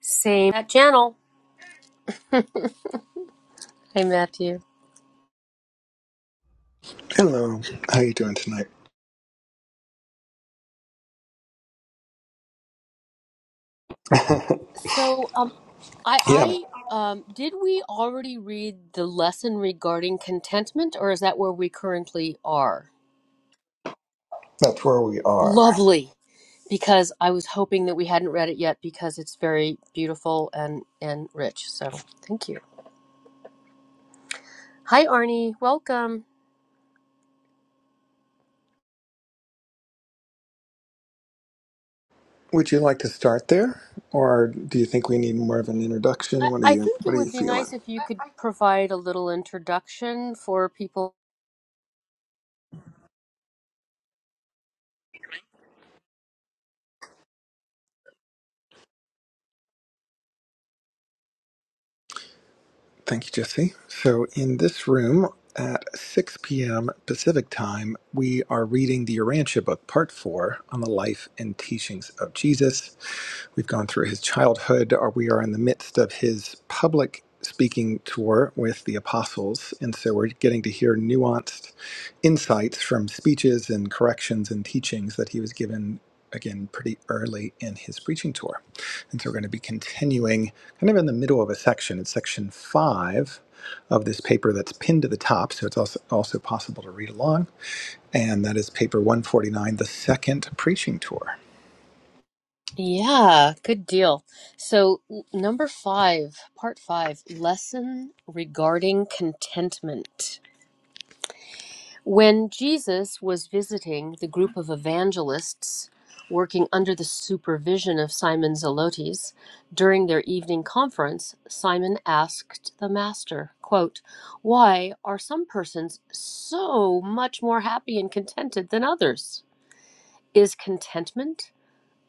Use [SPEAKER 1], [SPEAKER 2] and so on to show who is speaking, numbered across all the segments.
[SPEAKER 1] Same that channel. Hey, Matthew.
[SPEAKER 2] Hello, how you doing tonight?
[SPEAKER 1] So, um, I,
[SPEAKER 2] Yeah,
[SPEAKER 1] I, um, did we already read the lesson regarding contentment, or is that where we currently are?
[SPEAKER 2] that's where we are.
[SPEAKER 1] Lovely, because I was hoping that we hadn't read it yet because it's very beautiful and and rich. So, thank you. Hi, Arnie. Welcome.
[SPEAKER 2] Would you like to start there, or do you think we need more of an
[SPEAKER 1] I,
[SPEAKER 2] introduction? What are
[SPEAKER 1] I
[SPEAKER 2] you
[SPEAKER 1] think it
[SPEAKER 2] What are you
[SPEAKER 1] would be nice
[SPEAKER 2] feeling?
[SPEAKER 1] if you could provide a little introduction for people
[SPEAKER 2] Thank you, Jesse. So, in this room at 6 p.m. Pacific time, we are reading the Urantia book, Part Four, on the life and teachings of Jesus. We've gone through his childhood, or we are in the midst of his public speaking tour with the apostles, and so we're getting to hear nuanced. insights from speeches and corrections and teachings that he was given again pretty early in his preaching tour. And so we're going to be continuing kind of in the middle of a section. It's section five of this paper that's pinned to the top, so it's also, also possible to read along. And that is paper 149, The Second Preaching Tour.
[SPEAKER 1] Yeah, good deal. So, n- number five, part five, lesson regarding contentment. When Jesus was visiting the group of evangelists working under the supervision of Simon Zelotes during their evening conference, Simon asked the master, quote, "Why are some persons so much more happy and contented than others? Is contentment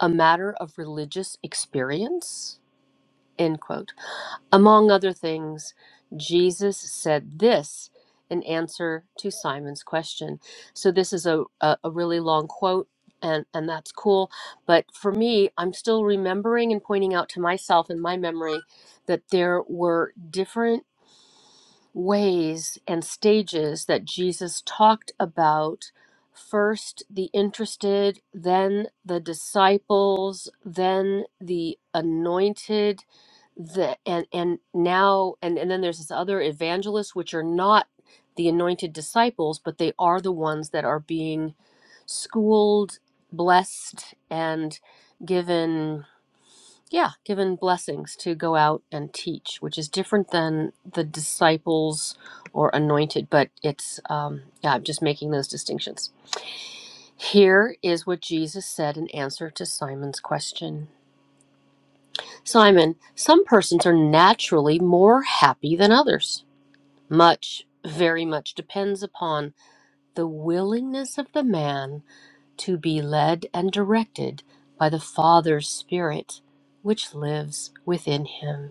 [SPEAKER 1] a matter of religious experience?" End quote. Among other things, Jesus said this in answer to Simon's question. So this is a, a, a really long quote and, and that's cool. But for me, I'm still remembering and pointing out to myself in my memory that there were different ways and stages that Jesus talked about first the interested, then the disciples, then the anointed, the and and now and and then there's this other evangelists which are not the anointed disciples, but they are the ones that are being schooled, blessed and given yeah, given blessings to go out and teach, which is different than the disciples or anointed, but it's, um, yeah, I'm just making those distinctions. Here is what Jesus said in answer to Simon's question Simon, some persons are naturally more happy than others. Much, very much depends upon the willingness of the man to be led and directed by the Father's Spirit, which lives within him.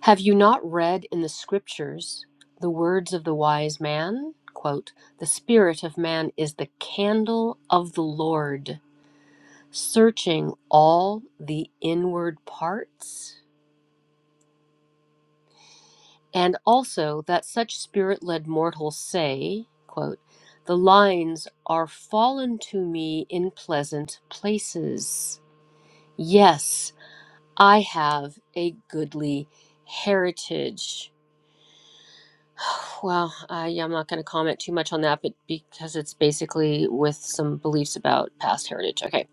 [SPEAKER 1] Have you not read in the scriptures the words of the wise man? Quote, the spirit of man is the candle of the Lord, searching all the inward parts. And also that such spirit led mortals say, quote, the lines are fallen to me in pleasant places. Yes, I have a goodly heritage. Well, I, I'm not going to comment too much on that, but because it's basically with some beliefs about past heritage. Okay.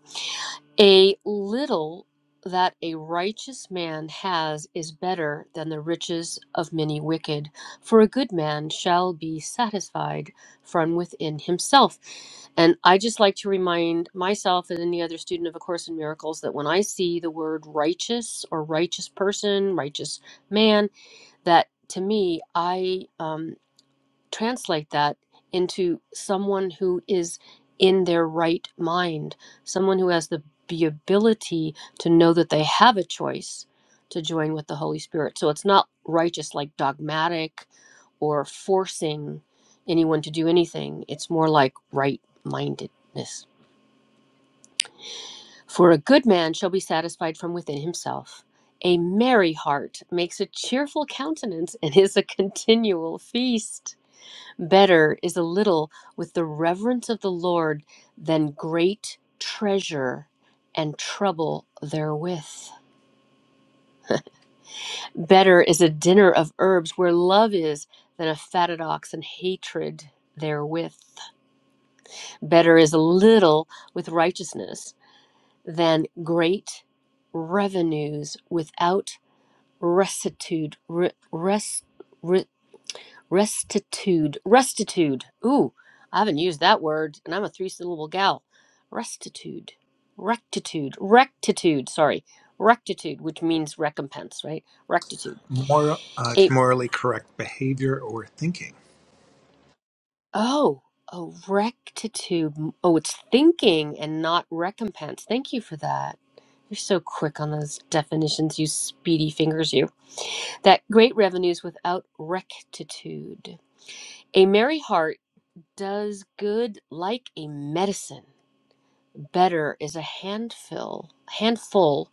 [SPEAKER 1] A little that a righteous man has is better than the riches of many wicked, for a good man shall be satisfied from within himself. And I just like to remind myself and any other student of A Course in Miracles that when I see the word righteous or righteous person, righteous man, that to me, I. um, translate that into someone who is in their right mind, someone who has the, the ability to know that they have a choice to join with the Holy Spirit. So it's not righteous, like dogmatic or forcing anyone to do anything. It's more like right mindedness. For a good man shall be satisfied from within himself. A merry heart makes a cheerful countenance and is a continual feast. Better is a little with the reverence of the Lord than great treasure and trouble therewith. Better is a dinner of herbs where love is than a fatted ox and hatred therewith. Better is a little with righteousness than great revenues without rectitude. re, res, re, Restitude. Restitude. Ooh, I haven't used that word, and I'm a three syllable gal. Restitude. Rectitude. Rectitude. Sorry. Rectitude, which means recompense, right? Rectitude.
[SPEAKER 2] Moral, uh,
[SPEAKER 1] A
[SPEAKER 2] it's morally correct behavior or thinking.
[SPEAKER 1] oh, a rectitude. Oh, it's thinking and not recompense. Thank you for that. You're so quick on those definitions, you speedy fingers, you. That great revenues without rectitude. A merry heart does good like a medicine. Better is a handful, handful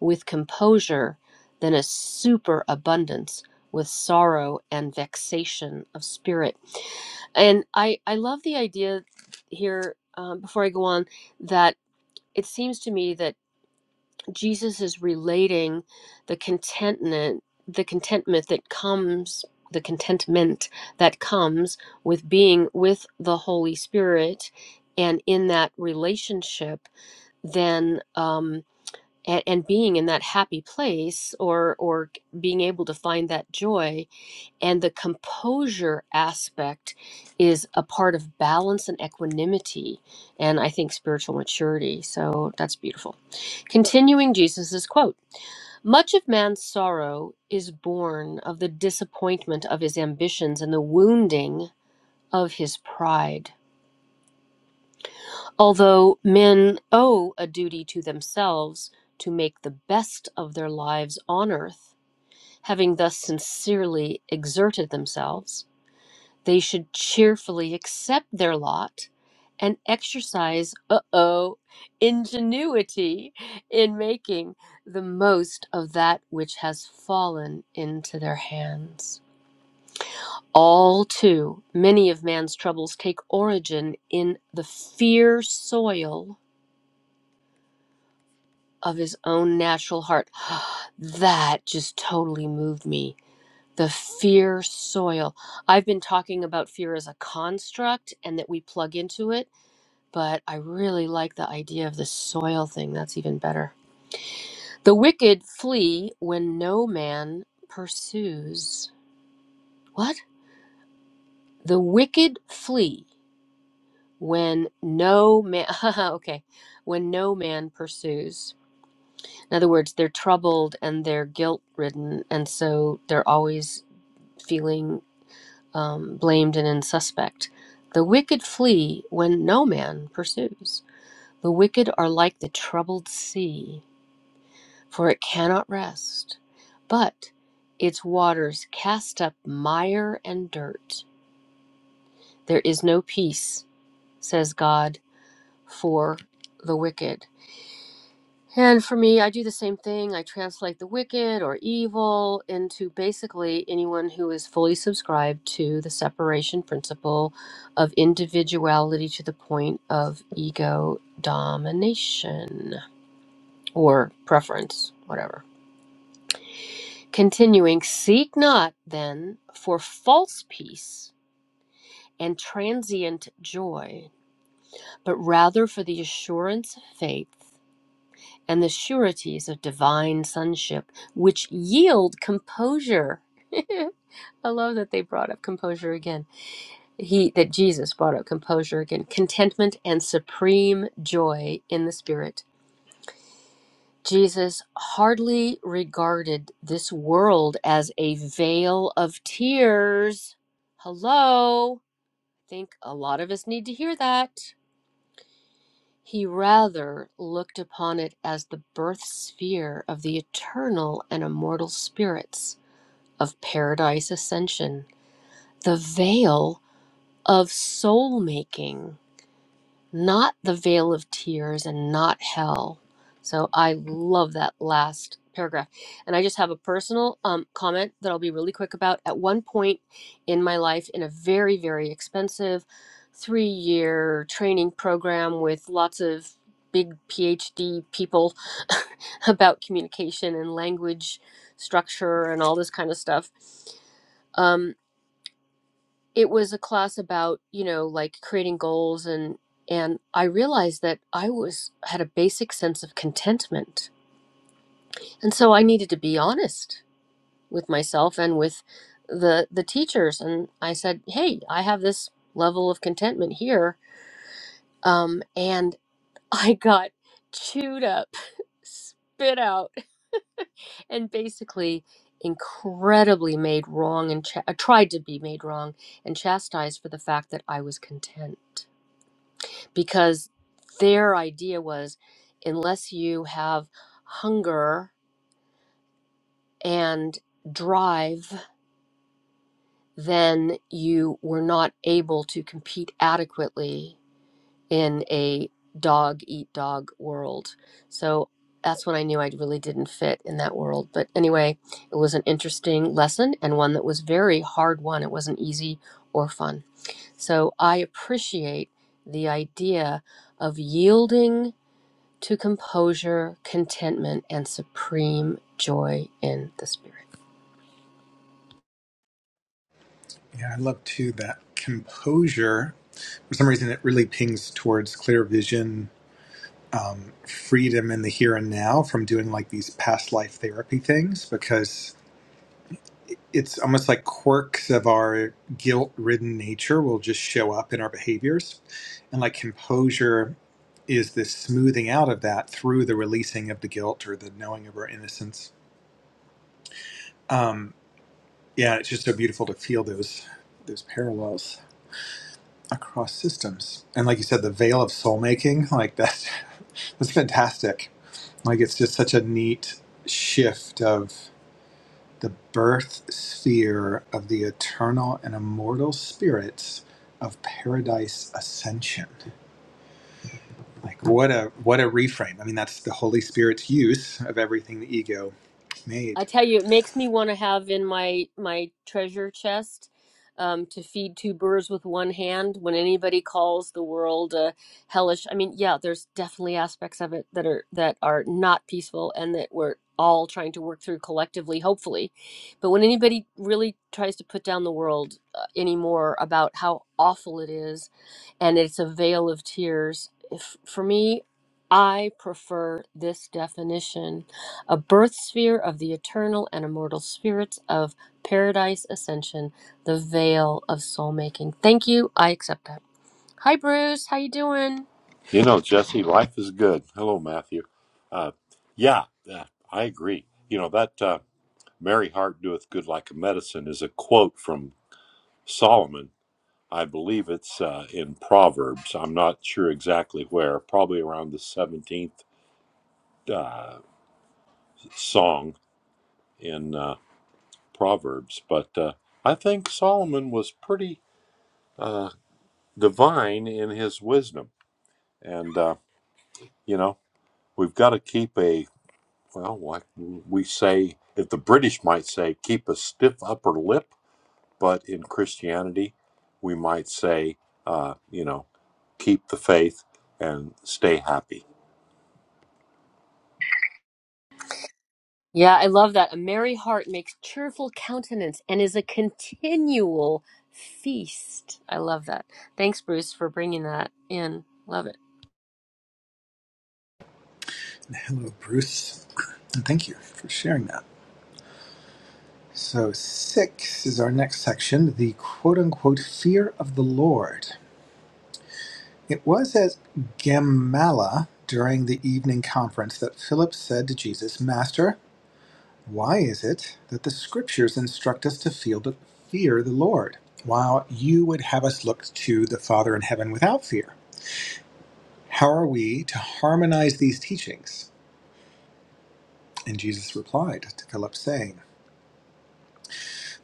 [SPEAKER 1] with composure than a superabundance with sorrow and vexation of spirit. And I, I love the idea here, um, before I go on, that it seems to me that. Jesus is relating the contentment, the contentment that comes, the contentment that comes with being with the Holy Spirit, and in that relationship, then um, and, and being in that happy place, or or being able to find that joy and the composure aspect is a part of balance and equanimity, and I think spiritual maturity. So that's beautiful. Continuing Jesus's quote Much of man's sorrow is born of the disappointment of his ambitions and the wounding of his pride. Although men owe a duty to themselves to make the best of their lives on earth, having thus sincerely exerted themselves, They should cheerfully accept their lot and exercise, uh oh, ingenuity in making the most of that which has fallen into their hands. All too many of man's troubles take origin in the fear soil of his own natural heart. that just totally moved me. The fear soil. I've been talking about fear as a construct and that we plug into it but I really like the idea of the soil thing. That's even better. The wicked flee when no man pursues. What? The wicked flee when no man. okay. When no man pursues. In other words, they're troubled and they're guilt ridden, and so they're always feeling um, blamed and insuspect. The wicked flee when no man pursues. The wicked are like the troubled sea for it cannot rest. But its waters cast up mire and dirt. There is no peace, says God, for the wicked. And for me, I do the same thing. I translate the wicked or evil into basically anyone who is fully subscribed to the separation principle of individuality to the point of ego domination or preference, whatever. Continuing, seek not then for false peace and transient joy, but rather for the assurance of faith and the sureties of divine sonship, which yield composure. I love that they brought up composure again. He that Jesus brought up composure again, contentment and supreme joy in the spirit Jesus hardly regarded this world as a veil of tears. Hello? I think a lot of us need to hear that. He rather looked upon it as the birth sphere of the eternal and immortal spirits of paradise ascension, the veil of soul making not the veil of tears and not hell. So I love that last paragraph. And I just have a personal um, comment that I'll be really quick about. At one point in my life, in a very, very expensive three year training program with lots of big PhD people about communication and language structure and all this kind of stuff. um, it was a class about you know like creating goals and and i realized that i was had a basic sense of contentment and so i needed to be honest with myself and with the the teachers and i said hey i have this level of contentment here um and i got chewed up spit out and basically incredibly made wrong and ch- tried to be made wrong and chastised for the fact that i was content because their idea was unless you have hunger and drive, then you were not able to compete adequately in a dog eat dog world. So that's when I knew I really didn't fit in that world. But anyway, it was an interesting lesson and one that was very hard one. It wasn't easy or fun. So I appreciate the idea of yielding to composure, contentment, and supreme joy in the Spirit.
[SPEAKER 2] Yeah, I love too that composure. For some reason, it really pings towards clear vision freedom in the here and now from doing like these past life therapy things because it's almost like quirks of our guilt ridden nature will just show up in our behaviors. And like composure is this smoothing out of that through the releasing of the guilt or the knowing of our innocence. Um, yeah, it's just so beautiful to feel those those parallels. across systems. And like you said, the veil of soul making, like that's that's fantastic. Like it's just such a neat shift of the birth sphere of the eternal and immortal spirits of paradise ascension. Like what a what a reframe. I mean that's the Holy Spirit's use of everything the ego
[SPEAKER 1] I
[SPEAKER 2] made.
[SPEAKER 1] tell you, it makes me want to have in my my treasure chest um, to feed two birds with one hand. When anybody calls the world uh, hellish, I mean, yeah, there's definitely aspects of it that are that are not peaceful and that we're all trying to work through collectively, hopefully. But when anybody really tries to put down the world uh, anymore about how awful it is, and it's a veil of tears, if, for me, I prefer this definition a birth sphere of the eternal and immortal spirits of paradise ascension, the veil of soul making. Thank you. I accept that. Hi Bruce, how you doing?
[SPEAKER 3] You know, Jesse, life is good. Hello, Matthew. Uh, yeah, uh, I agree. You know, that uh, Merry Heart Doeth Good Like a Medicine is a quote from Solomon. I believe it's uh, in Proverbs. I'm not sure exactly where, probably around the 17th uh, song in uh, Proverbs. But uh, I think Solomon was pretty uh, divine in his wisdom. And, uh, you know, we've got to keep a Well, like we say, if the British might say, keep a stiff upper lip, but in Christianity, we might say, uh, you know, keep the faith and stay happy.
[SPEAKER 1] Yeah, I love that. A merry heart makes cheerful countenance and is a continual feast. I love that. Thanks Bruce for bringing that in. Love it.
[SPEAKER 2] Hello, Bruce. And thank you for sharing that. So, six is our next section the quote unquote fear of the Lord. It was at Gamala during the evening conference that Philip said to Jesus, Master, why is it that the scriptures instruct us to feel the fear the Lord, while you would have us look to the Father in heaven without fear? How are we to harmonize these teachings? And Jesus replied to Philip, saying,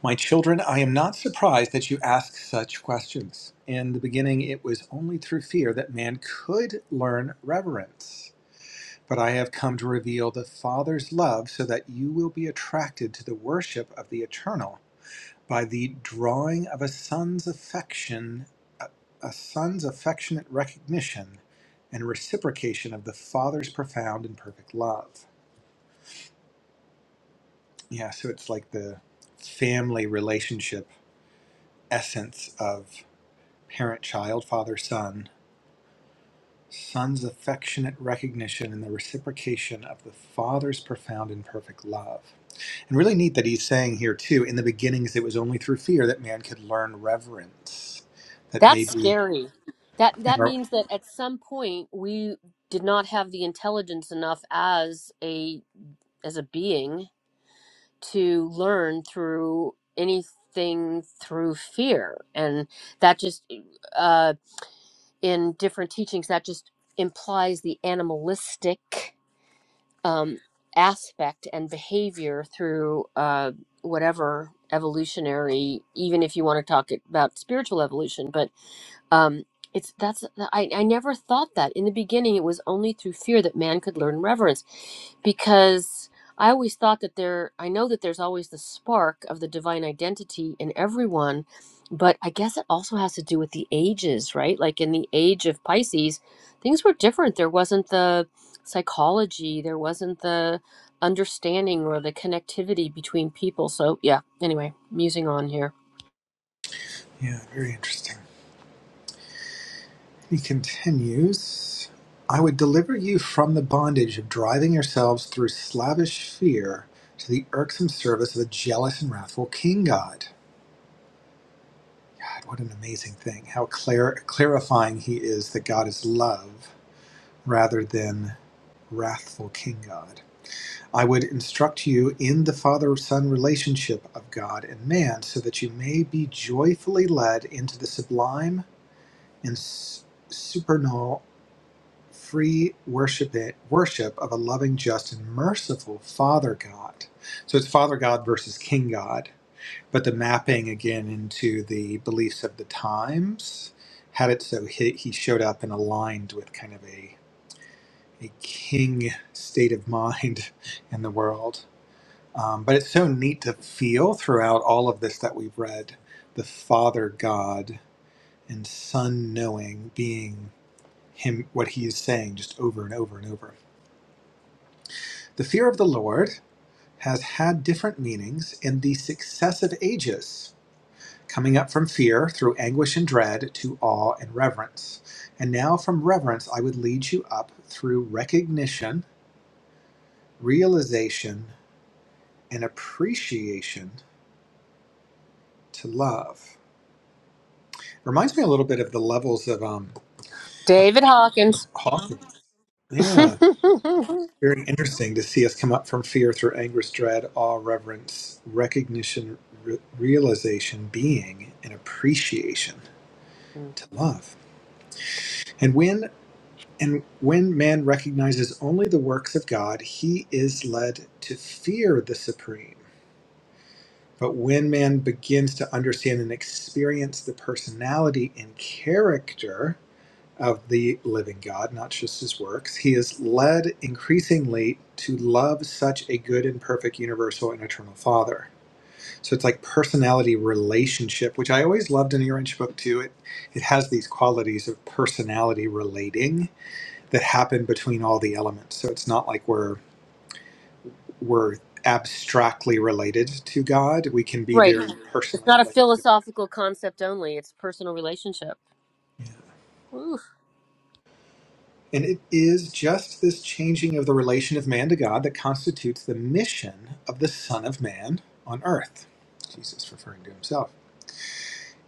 [SPEAKER 2] My children, I am not surprised that you ask such questions. In the beginning, it was only through fear that man could learn reverence. But I have come to reveal the Father's love so that you will be attracted to the worship of the eternal by the drawing of a son's affection, a, a son's affectionate recognition and reciprocation of the Father's profound and perfect love. Yeah, so it's like the family relationship essence of parent child, father son, son's affectionate recognition and the reciprocation of the father's profound and perfect love. And really neat that he's saying here, too, in the beginnings, it was only through fear that man could learn reverence. That
[SPEAKER 1] That's
[SPEAKER 2] maybe.
[SPEAKER 1] scary. That
[SPEAKER 2] you
[SPEAKER 1] that
[SPEAKER 2] know,
[SPEAKER 1] means that at some point we did not have the intelligence enough as a as a being to learn through anything through fear and that just uh, in different teachings that just implies the animalistic um, aspect and behavior through uh, whatever evolutionary even if you want to talk about spiritual evolution but um, it's that's I, I never thought that in the beginning. It was only through fear that man could learn reverence, because I always thought that there. I know that there's always the spark of the divine identity in everyone, but I guess it also has to do with the ages, right? Like in the age of Pisces, things were different. There wasn't the psychology, there wasn't the understanding or the connectivity between people. So yeah. Anyway, musing on here.
[SPEAKER 2] Yeah, very interesting. He continues I would deliver you from the bondage of driving yourselves through slavish fear to the irksome service of a jealous and wrathful king god. God, what an amazing thing. How clar- clarifying he is that God is love rather than wrathful King God. I would instruct you in the father son relationship of God and man so that you may be joyfully led into the sublime and s- supernal free worship, worship of a loving, just, and merciful Father God. So it's Father God versus King God but the mapping again into the beliefs of the times had it so he, he showed up and aligned with kind of a, a king state of mind in the world. Um, but it's so neat to feel throughout all of this that we've read the Father God and Son knowing being him what he is saying just over and over and over. The fear of the Lord has had different meanings in the successive ages coming up from fear through anguish and dread to awe and reverence. And now from reverence, I would lead you up through recognition, realization, and appreciation to love. Reminds me a little bit of the levels of um,
[SPEAKER 1] David Hawkins.
[SPEAKER 2] Hawkins. Yeah, very interesting to see us come up from fear through anguish, dread, awe, reverence, recognition, re- realization, being, and appreciation to love. And when And when man recognizes only the works of God, he is led to fear the supreme. But when man begins to understand and experience the personality and character of the living God, not just his works, he is led increasingly to love such a good and perfect universal and eternal Father. So it's like personality relationship, which I always loved in the Orange Book too. It it has these qualities of personality relating that happen between all the elements. So it's not like we're we're abstractly related to God. We can be
[SPEAKER 1] Right.
[SPEAKER 2] very
[SPEAKER 1] It's
[SPEAKER 2] personally
[SPEAKER 1] not a
[SPEAKER 2] related to God.
[SPEAKER 1] philosophical concept only, it's personal relationship.
[SPEAKER 2] yeah.
[SPEAKER 1] Oof.
[SPEAKER 2] And it is just this changing of the relation of man to God that constitutes the mission of the Son of Man on earth. Jesus referring to himself.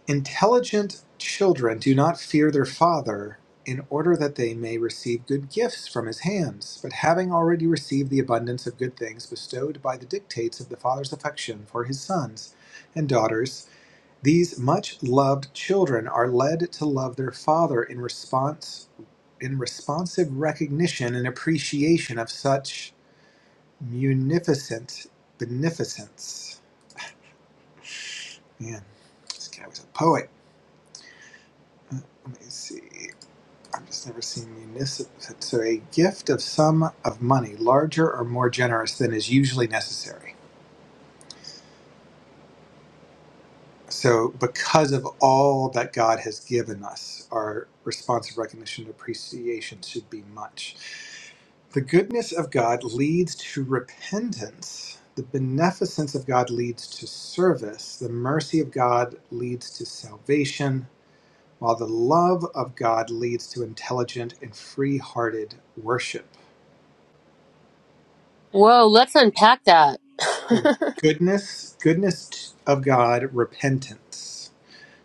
[SPEAKER 2] Intelligent children do not fear their father in order that they may receive good gifts from his hands, but having already received the abundance of good things bestowed by the dictates of the father's affection for his sons and daughters, these much loved children are led to love their father in response in responsive recognition and appreciation of such munificent beneficence. Man, this guy was a poet. Huh, Let me see. I've just never seen municipal. So a gift of sum of money larger or more generous than is usually necessary. So because of all that God has given us, our response of recognition and appreciation should be much. The goodness of God leads to repentance. The beneficence of God leads to service. The mercy of God leads to salvation, while the love of God leads to intelligent and free hearted worship.
[SPEAKER 1] Whoa, let's unpack that.
[SPEAKER 2] So goodness goodness of god repentance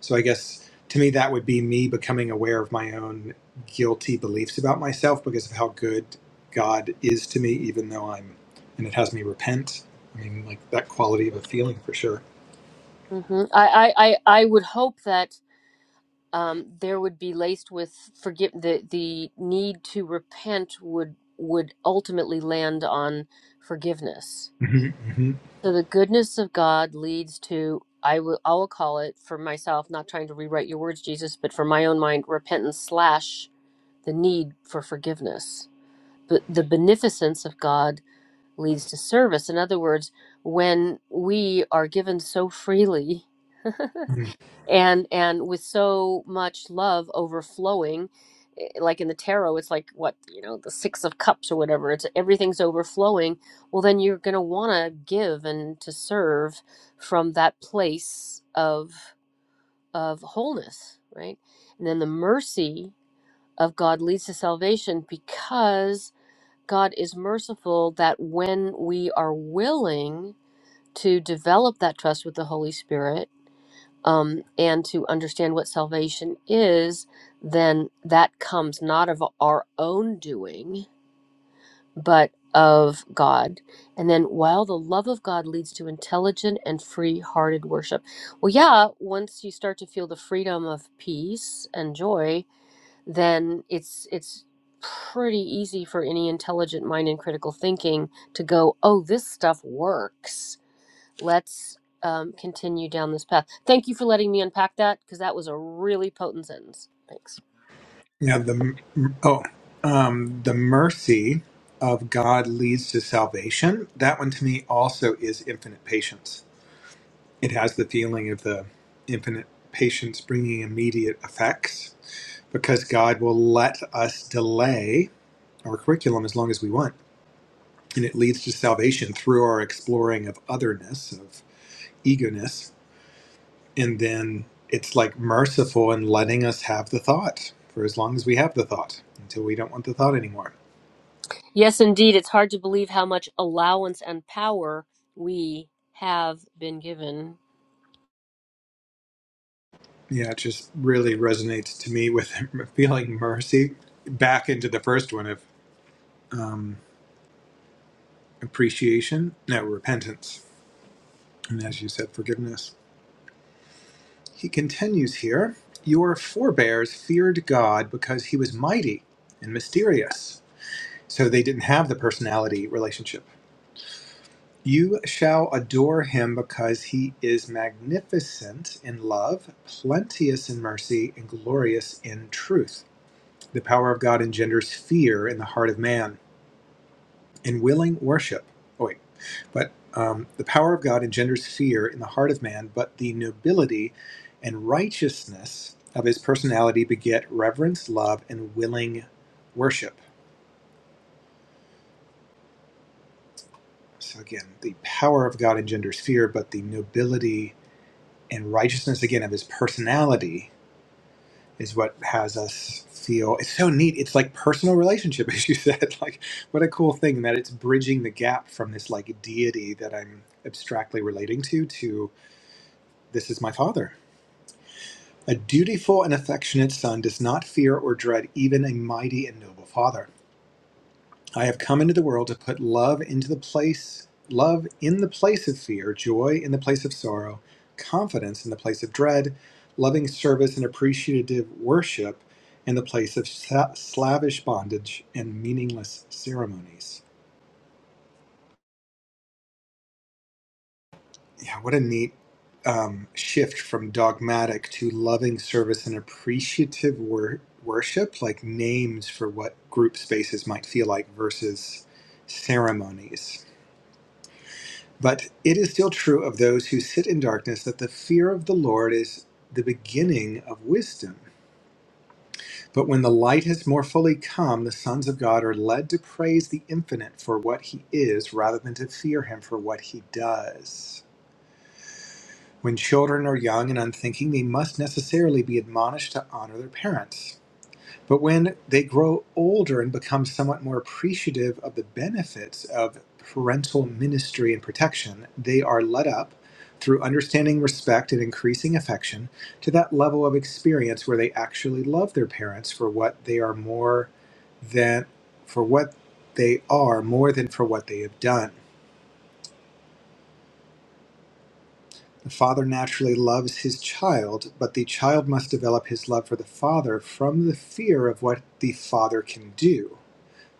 [SPEAKER 2] so i guess to me that would be me becoming aware of my own guilty beliefs about myself because of how good god is to me even though i'm and it has me repent i mean like that quality of a feeling for sure
[SPEAKER 1] hmm I, I, I, I would hope that um, there would be laced with forgive the the need to repent would would ultimately land on forgiveness.
[SPEAKER 2] hmm hmm
[SPEAKER 1] So the goodness of God leads to I will I will call it for myself, not trying to rewrite your words, Jesus, but for my own mind, repentance slash the need for forgiveness But the beneficence of God leads to service. In other words, when we are given so freely
[SPEAKER 2] hmm
[SPEAKER 1] and and with so much love overflowing, eh, like in the tarot, it's like what you know, the six of cups or whatever. It's everything's overflowing. Well, then you're going to want to give and to serve from that place of of wholeness, right? And then the mercy of God leads to salvation because God is merciful that when we are willing to develop that trust with the Holy Spirit um, and to understand what salvation is, then that comes not of our own doing, but of God. And then while the love of God leads to intelligent and free hearted worship. Well, yeah, once you start to feel the freedom of peace and joy then it's it's pretty easy for any intelligent mind and critical thinking to go, oh, this stuff works. Let's um, continue down this path. Thank you for letting me unpack that because that was a really potent sentence. Thanks.
[SPEAKER 2] yeah the oh um the mercy of god leads to salvation that one to me also is infinite patience It has the feeling of the infinite patience bringing immediate effects because God will let us delay our curriculum as long as we want. And it leads to salvation through our exploring of otherness, of egoness. And then it's like merciful in letting us have the thought for as long as we have the thought until we don't want the thought anymore.
[SPEAKER 1] Yes, indeed. It's hard to believe how much allowance and power we have been given.
[SPEAKER 2] Yeah, it just really resonates to me with feeling mercy back into the first one of um, appreciation, no, repentance And as you said, forgiveness. He continues here Your forebears feared God because he was mighty and mysterious. So they didn't have the personality relationship. You shall adore him because he is magnificent in love, plenteous in mercy, and glorious in truth. The power of God engenders fear in the heart of man. and willing worship. Oh, wait. But um, the power of God engenders fear in the heart of man, but the nobility and righteousness of his personality beget reverence, love, and willing worship. So again, the power of God engenders fear, but the nobility and righteousness again of his personality is what has us feel it's so neat it's like personal relationship as you said like what a cool thing that it's bridging the gap from this like deity that i'm abstractly relating to to This is my father. A dutiful and affectionate son does not fear or dread even a mighty and noble father. I have come into the world to put love into the place love in the place of fear, joy in the place of sorrow, confidence in the place of dread, loving service and appreciative worship in the place of slavish bondage and meaningless ceremonies. Yeah, what a neat um, shift from dogmatic to loving service and appreciative wor- worship, like names for what group spaces might feel like versus ceremonies. But it is still true of those who sit in darkness that the fear of the Lord is the beginning of wisdom. But when the light has more fully come, the sons of God are led to praise the infinite for what he is rather than to fear him for what he does. When children are young and unthinking, they must necessarily be admonished to honor their parents. But when they grow older and become somewhat more appreciative of the benefits of parental ministry and protection, they are led up through understanding respect and increasing affection to that level of experience where they actually love their parents for what they are more than for what they are more than for what they have done. The father naturally loves his child, but the child must develop his love for the father from the fear of what the father can do,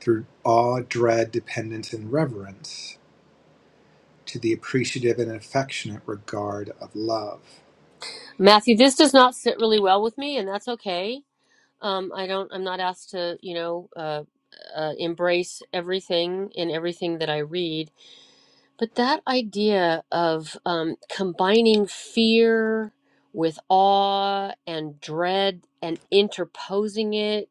[SPEAKER 2] through awe, dread, dependence, and reverence, to the appreciative and affectionate regard of love.
[SPEAKER 1] Matthew, this does not sit really well with me, and that's okay. Um, I don't. I'm not asked to, you know, uh, uh, embrace everything in everything that I read. But that idea of um, combining fear with awe and dread and interposing it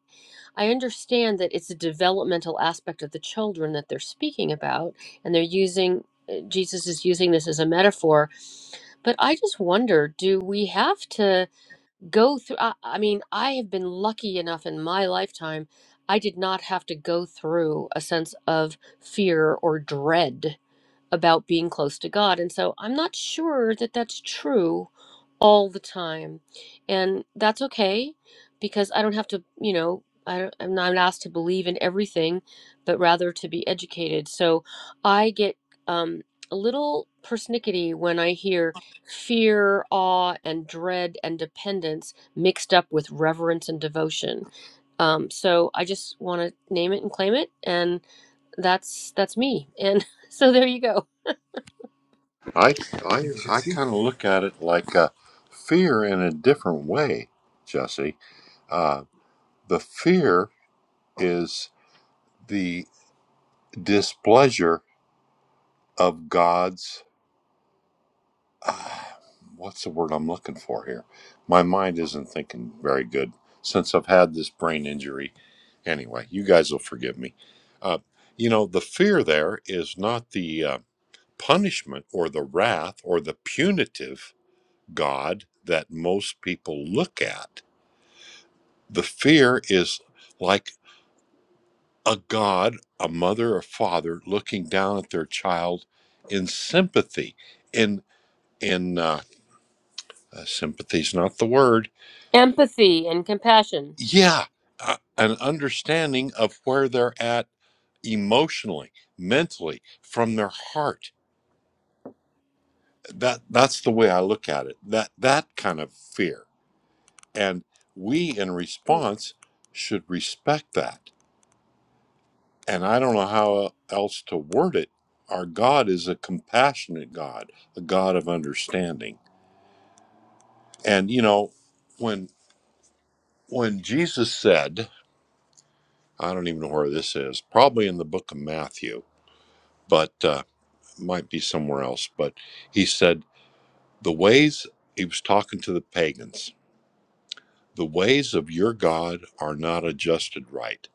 [SPEAKER 1] I understand that it's a developmental aspect of the children that they're speaking about, and they're using, uh, Jesus is using this as a metaphor. But I just wonder do we have to go through? I, I mean, I have been lucky enough in my lifetime, I did not have to go through a sense of fear or dread about being close to God. And so I'm not sure that that's true all the time. And that's okay because I don't have to, you know, I don't, I'm not asked to believe in everything, but rather to be educated. So I get um, a little persnickety when I hear fear, awe, and dread and dependence mixed up with reverence and devotion. Um, so I just want to name it and claim it, and that's that's me. And so there you go.
[SPEAKER 3] I I
[SPEAKER 2] Thanks,
[SPEAKER 3] I
[SPEAKER 2] Jesse.
[SPEAKER 3] kind of look at it like uh, fear in a different way, Jesse. Uh, the fear is the displeasure of God's ah, what's the word I'm looking for here? My mind isn't thinking very good since I've had this brain injury. Anyway, you guys will forgive me. Uh, you know, the fear there is not the uh, punishment or the wrath or the punitive God that most people look at. The fear is like a God, a mother, a father looking down at their child in sympathy, in in uh, uh, sympathy's not the word
[SPEAKER 1] empathy and compassion
[SPEAKER 3] yeah uh, an understanding of where they're at emotionally mentally from their heart that that's the way i look at it that that kind of fear and we in
[SPEAKER 1] Hmm.
[SPEAKER 3] response should respect that and i don't know how else to word it our god is a compassionate god a god of understanding and you know when when jesus said i don't even know where this is probably in the book of matthew but uh, might be somewhere else, but he said, The ways, he was talking to the pagans, the ways of your God are not adjusted right.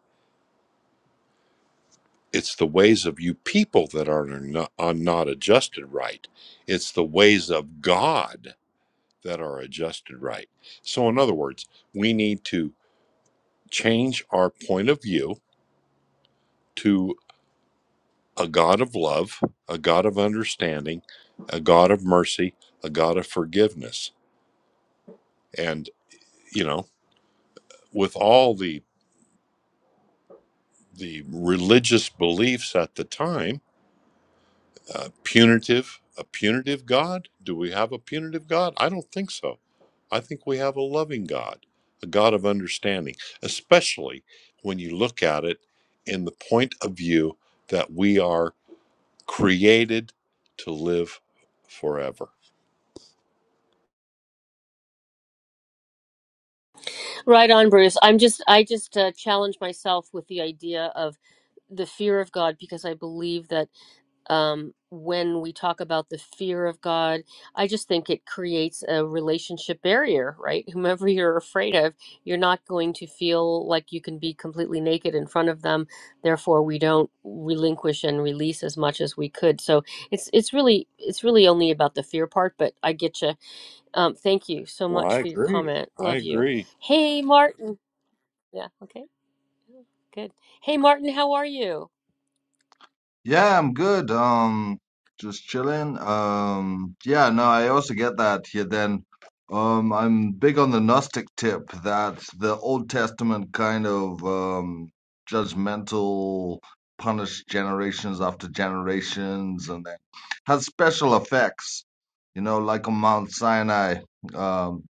[SPEAKER 3] It's the ways of you people that are not, are not adjusted right. It's the ways of God that are adjusted right. So, in other words, we need to change our point of view to a God of love, a God of understanding, a God of mercy, a God of forgiveness. And, you know, with all the the religious beliefs at the time uh, punitive a punitive god do we have a punitive god i don't think so i think we have a loving god a god of understanding especially when you look at it in the point of view that we are created to live forever
[SPEAKER 1] right on bruce i'm just i just uh, challenge myself with the idea of the fear of god because i believe that um, when we talk about the fear of god i just think it creates a relationship barrier right whomever you're afraid of you're not going to feel like you can be completely naked in front of them therefore we don't relinquish and release as much as we could so it's it's really it's really only about the fear part but i get you. Um, thank you so
[SPEAKER 3] well i
[SPEAKER 1] much for your
[SPEAKER 3] agree
[SPEAKER 1] comment.
[SPEAKER 3] i
[SPEAKER 1] Love you.
[SPEAKER 3] agree
[SPEAKER 1] Hey, Martin. Yeah, okay, good. Hey, Martin, how are you?
[SPEAKER 4] Yeah, I'm good. Um, just chilling. Um, yeah, no, I also get that here then. Um, I'm big on the Gnostic tip that the Old Testament kind of um judgmental punished generations after generations and then has special effects, you know, like on Mount Sinai, um,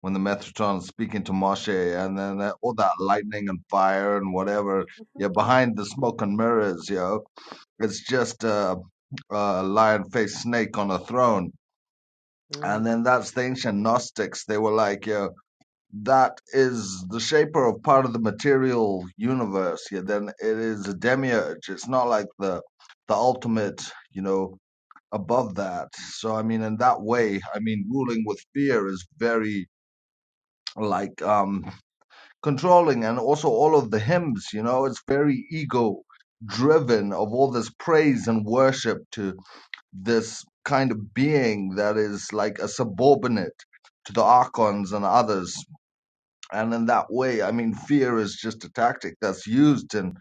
[SPEAKER 4] when the Metatron is speaking to Moshe and then that, all that lightning and fire and whatever, yeah,
[SPEAKER 1] Mhm.
[SPEAKER 4] behind the smoke and mirrors, yo. It's just a, a lion-faced snake on a throne.
[SPEAKER 1] Mm.
[SPEAKER 4] And then that's the ancient Gnostics. They were like, yeah, that is the shaper of part of the material universe. Yeah, then it is a demiurge. It's not like the the ultimate, you know, above that. So I mean, in that way, I mean, ruling with fear is very like um controlling, and also all of the hymns. You know, it's very ego driven of all this praise and worship to this kind of being that is like a subordinate to the archons and others. And in that way, I mean, fear is just a tactic that's used in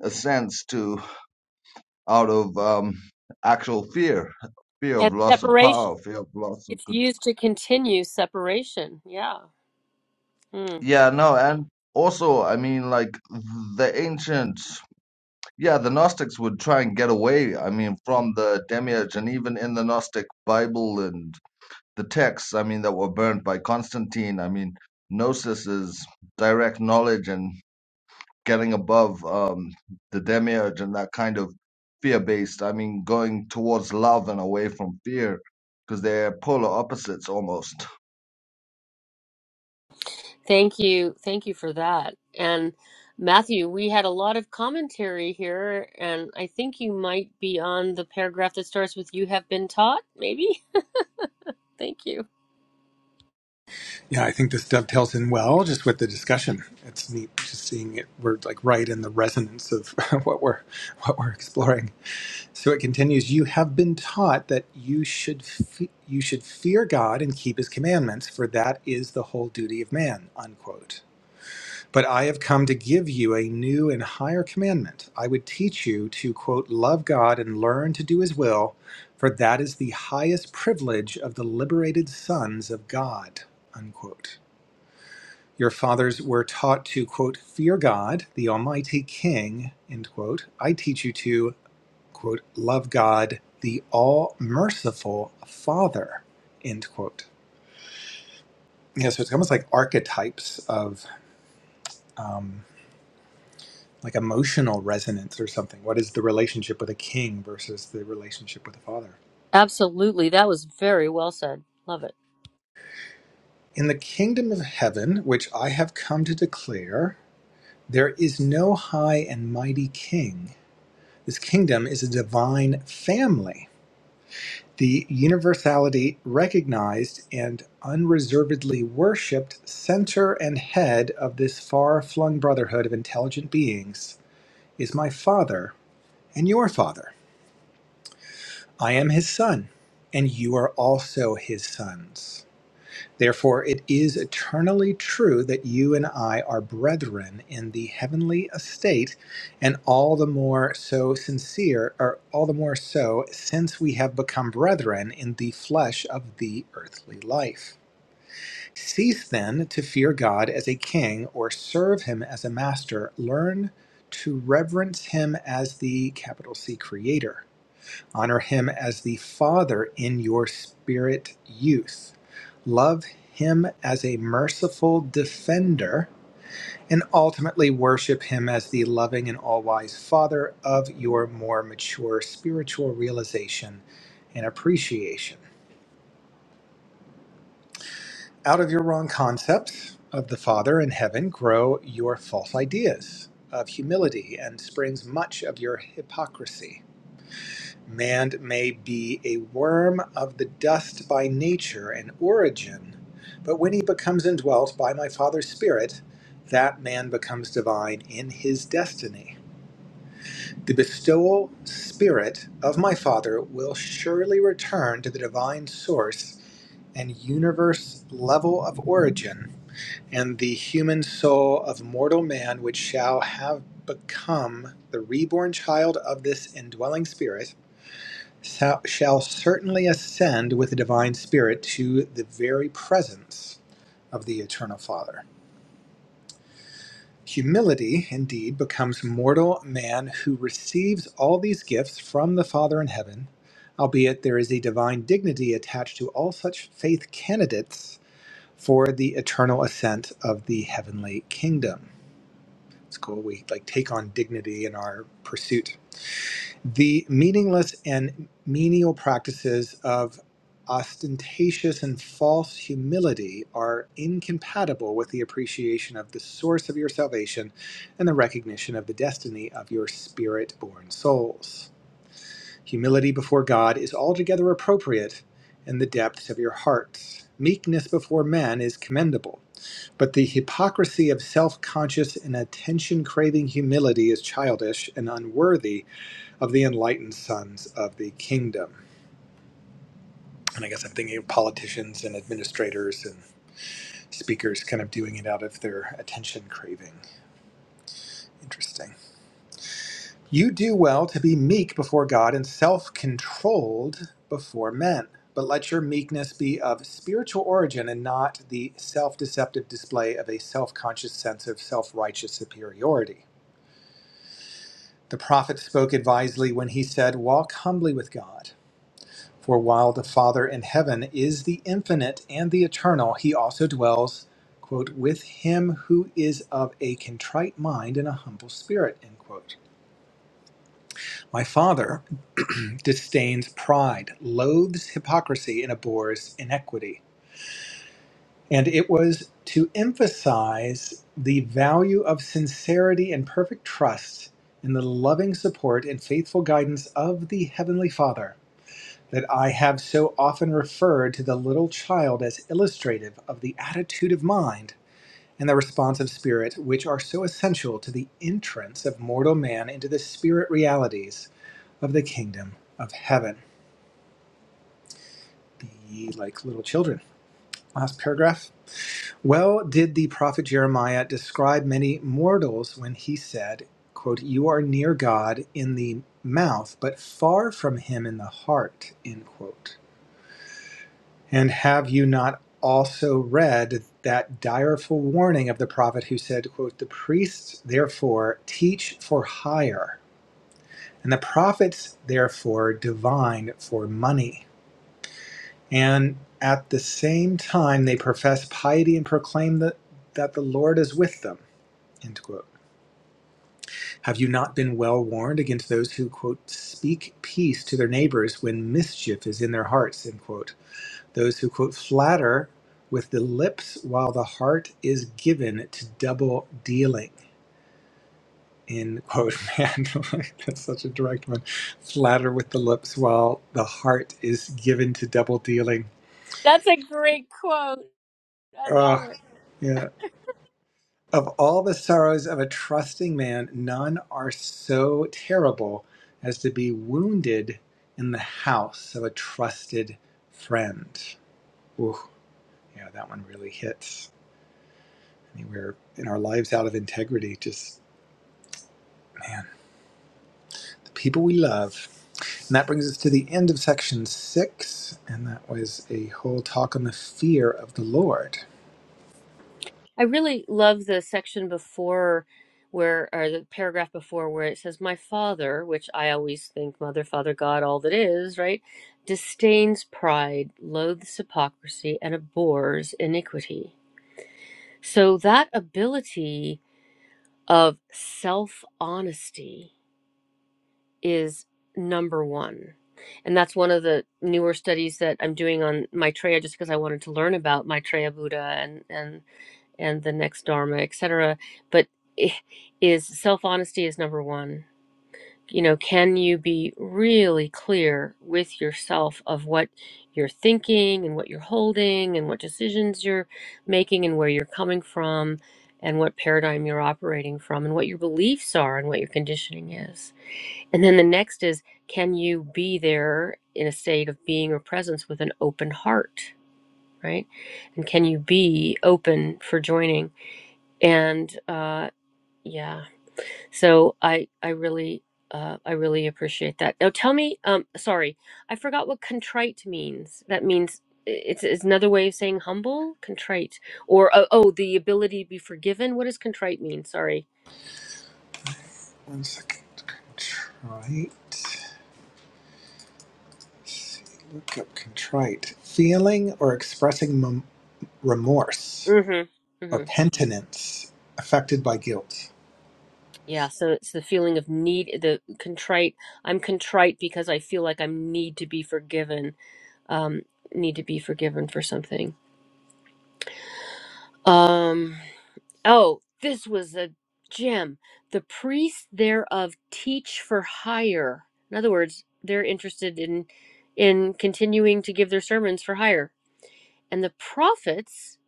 [SPEAKER 4] a sense to out of um, actual fear, fear of
[SPEAKER 1] And
[SPEAKER 4] loss of
[SPEAKER 1] separation.
[SPEAKER 4] power, fear of loss of
[SPEAKER 1] It's
[SPEAKER 4] control.
[SPEAKER 1] used to continue separation. Yeah. Mm.
[SPEAKER 4] Yeah, no, and also, I mean, like the ancients, yeah, the Gnostics would try and get away. I mean, from the demiurge, and even in the Gnostic Bible and the texts, I mean, that were burnt by Constantine. I mean, gnosis is direct knowledge and getting above um, the demiurge and that kind of fear based. I mean, going towards love and away from fear because they're polar opposites almost.
[SPEAKER 1] Thank you. Thank you for that. And Matthew, we had a lot of commentary here, and I think you might be on the paragraph that starts with You have been taught, maybe? Thank you.
[SPEAKER 2] Yeah, I think this dovetails in well just with the discussion. It's neat just seeing it. We're like right in the resonance of what we're what we're exploring. So it continues, you have been taught that you should fe- you should fear God and keep his commandments, for that is the whole duty of man. Unquote. But I have come to give you a new and higher commandment. I would teach you to quote love God and learn to do his will, for that is the highest privilege of the liberated sons of God. Unquote. Your fathers were taught to quote fear God, the almighty king, end quote. I teach you to quote, love God, the all merciful Father, end quote. Yeah, so it's almost like archetypes of um, like emotional resonance or something. What is the relationship with a king versus the relationship with a father?
[SPEAKER 1] Absolutely. That was very well said. Love it.
[SPEAKER 2] In the kingdom of heaven, which I have come to declare, there is no high and mighty king. This kingdom is a divine family the universality recognized and unreservedly worshipped center and head of this far flung brotherhood of intelligent beings is my Father and your Father. I am his Son, and you are also his sons. Therefore, it is eternally true that you and I are brethren in the heavenly estate, and all the more so sincere, or all the more so since we have become brethren in the flesh of the earthly life. Cease then to fear God as a king or serve him as a master. Learn to reverence him as the capital C creator. Honor him as the Father in your spirit youth. Love him as a merciful defender, and ultimately worship him as the loving and all wise Father of your more mature spiritual realization and appreciation. Out of your wrong concepts of the Father in heaven grow your false ideas of humility and springs much of your hypocrisy. Man may be a worm of the dust by nature and origin, but when he becomes indwelt by my Father's Spirit, that man becomes divine in his destiny. The bestowal spirit of my Father will surely return to the divine source and universe level of origin, and the human soul of mortal man, which shall have become the reborn child of this indwelling spirit thou shall certainly ascend with the divine spirit to the very presence of the eternal father humility indeed becomes mortal man who receives all these gifts from the father in heaven albeit there is a divine dignity attached to all such faith candidates for the eternal ascent of the heavenly kingdom it's cool we like take on dignity in our pursuit The meaningless and menial practices of ostentatious and false humility are incompatible with the appreciation of the source of your salvation and the recognition of the destiny of your spirit born souls. Humility before God is altogether appropriate in the depths of your hearts. Meekness before men is commendable, but the hypocrisy of self conscious and attention craving humility is childish and unworthy of the enlightened sons of the kingdom. And I guess I'm thinking of politicians and administrators and speakers kind of doing it out of their attention craving. Interesting. You do well to be meek before God and self controlled before men, but let your meekness be of spiritual origin and not the self deceptive display of a self conscious sense of self righteous superiority. The prophet spoke advisedly when he said, Walk humbly with God. For while the Father in heaven is the infinite and the eternal, he also dwells, quote, with him who is of a contrite mind and a humble spirit, end quote. My Father disdains pride, loathes hypocrisy, and abhors inequity. And it was to emphasize the value of sincerity and perfect trust in the loving support and faithful guidance of the Heavenly Father that I have so often referred to the little child as illustrative of the attitude of mind and the responsive spirit which are so essential to the entrance of mortal man into the spirit realities of the kingdom of heaven. Be ye like little children. Last paragraph. Well did the prophet Jeremiah describe many mortals when he said, quote, You are near God in the mouth, but far from him in the heart. End quote. And have you not also read that direful warning of the prophet who said, quote, The priests therefore teach for hire, and the prophets therefore divine for money. And at the same time they profess piety and proclaim that, that the Lord is with them. End quote. Have you not been well warned against those who, quote, speak peace to their neighbors when mischief is in their hearts, end quote? Those who quote flatter with the lips while the heart is given to double dealing. End quote, man. Like, That's such a direct one. Flatter with the lips while the heart is given to double dealing.
[SPEAKER 1] That's a great quote. I
[SPEAKER 2] Ugh,
[SPEAKER 1] love it.
[SPEAKER 2] yeah. Of all the sorrows of a trusting man, none are so terrible as to be wounded in the house of a trusted friend. Ooh, yeah, that one really hits. I mean, we're in our lives out of integrity. Just, man, the people we love. And that brings us to the end of section six. And that was a whole talk on the fear of the Lord.
[SPEAKER 1] I really love the section before where, or the paragraph before where it says, My father, which I always think mother, father, God, all that is, right? Disdains pride, loathes hypocrisy, and abhors iniquity. So that ability of self honesty is number one. And that's one of the newer studies that I'm doing on Maitreya just because I wanted to learn about Maitreya Buddha and, and and the next dharma, etc. But is self honesty is number one. You know, can you be really clear with yourself of what you're thinking and what you're holding and what decisions you're making and where you're coming from and what paradigm you're operating from and what your beliefs are and what your conditioning is. And then the next is can you be there in a state of being or presence with an open heart, right? And can you be open for joining? and uh, yeah so i i really uh, i really appreciate that now tell me um sorry i forgot what contrite means that means i- it's, it's another way of saying humble contrite or oh, oh the ability to be forgiven what does contrite mean sorry
[SPEAKER 2] One second. Contrite. Look up contrite. Feeling or expressing mem- remorse
[SPEAKER 1] mm-hmm
[SPEAKER 2] or
[SPEAKER 1] mm-hmm
[SPEAKER 2] penitence affected by guilt.
[SPEAKER 1] yeah so it's the feeling of need the contrite i'm contrite because i feel like i am need to be forgiven um need to be forgiven for something Um. Oh, this was a gem. The priests thereof teach for hire. In other words, they're interested in in continuing to give their sermons for hire. And the prophets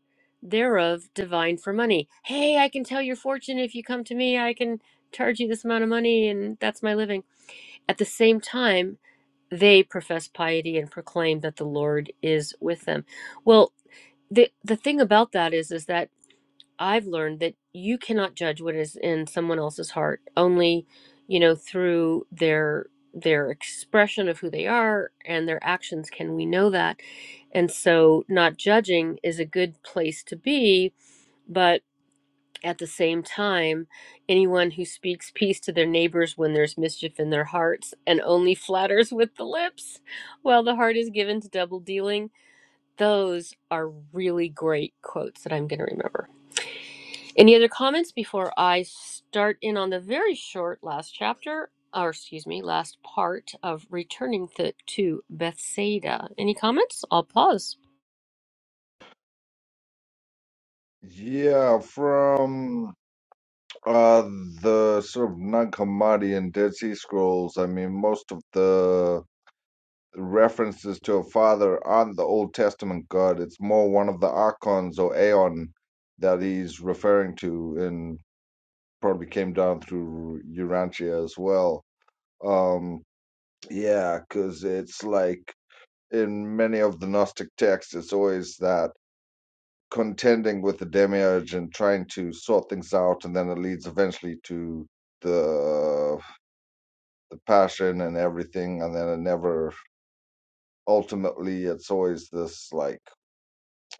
[SPEAKER 1] thereof divine for money. Hey, I can tell your fortune if you come to me. I can charge you this amount of money and that's my living. At the same time, they profess piety and proclaim that the Lord is with them. Well, the the thing about that is is that I've learned that you cannot judge what is in someone else's heart only, you know, through their their expression of who they are and their actions can we know that. And so not judging is a good place to be, but at the same time, anyone who speaks peace to their neighbors when there's mischief in their hearts and only flatters with the lips while the heart is given to double dealing, those are really great quotes that I'm going to remember. Any other comments before I start in on the very short last chapter, or excuse me, last part of returning to, to Bethsaida? Any comments? I'll pause.
[SPEAKER 4] Yeah, from uh the sort of non-Hammadian Dead Sea Scrolls, I mean most of the. references to a father aren't the Old Testament God. It's more one of the archons or aeon that he's referring to, and probably came down through Urantia as well. Um, yeah, because it's like in many of the Gnostic texts, it's always that contending with the demiurge and trying to sort things out, and then it leads eventually to the the passion and everything, and then it never ultimately it's always this like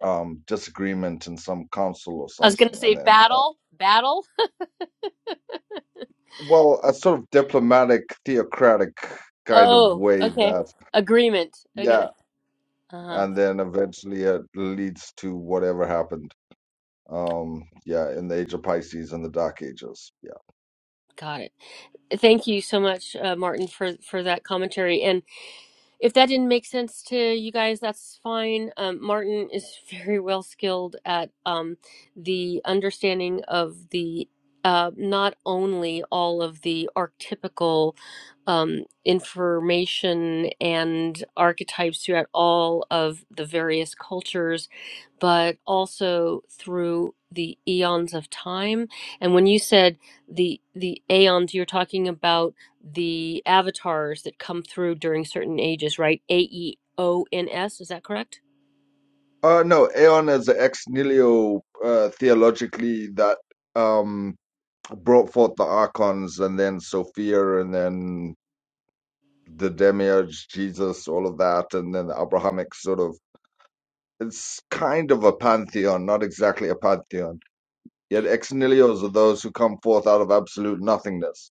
[SPEAKER 4] um, disagreement in some council or
[SPEAKER 1] I was going to
[SPEAKER 4] something,
[SPEAKER 1] say
[SPEAKER 4] and then uh,
[SPEAKER 1] battle, battle.
[SPEAKER 4] well, a sort of diplomatic, theocratic kind of
[SPEAKER 1] Oh,
[SPEAKER 4] way
[SPEAKER 1] okay.
[SPEAKER 4] that
[SPEAKER 1] Agreement.
[SPEAKER 4] yeah,
[SPEAKER 1] Okay. Uh huh.
[SPEAKER 4] and then eventually it leads to whatever happened. Um, yeah, in the Age of Pisces and the Dark Ages. Yeah.
[SPEAKER 1] Got it. Thank you so much, uh, Martin, for for that commentary. And if that didn't make sense to you guys, that's fine. Um, Martin is very well skilled at um, the understanding of the uh, not only all of the archetypical um, information and archetypes throughout all of the various cultures, but also through the eons of time. And when you said the the aeons, you're talking about the avatars that come through during certain ages, right? A E O N S, is that correct?
[SPEAKER 4] Uh, no, Aeon is ex nihilo uh, theologically that um brought forth the archons and then Sophia and then the demiurge Jesus, all of that, and then the Abrahamic sort of It's kind of a pantheon, not exactly a pantheon. Yet ex nihilios are those who come forth out of absolute nothingness,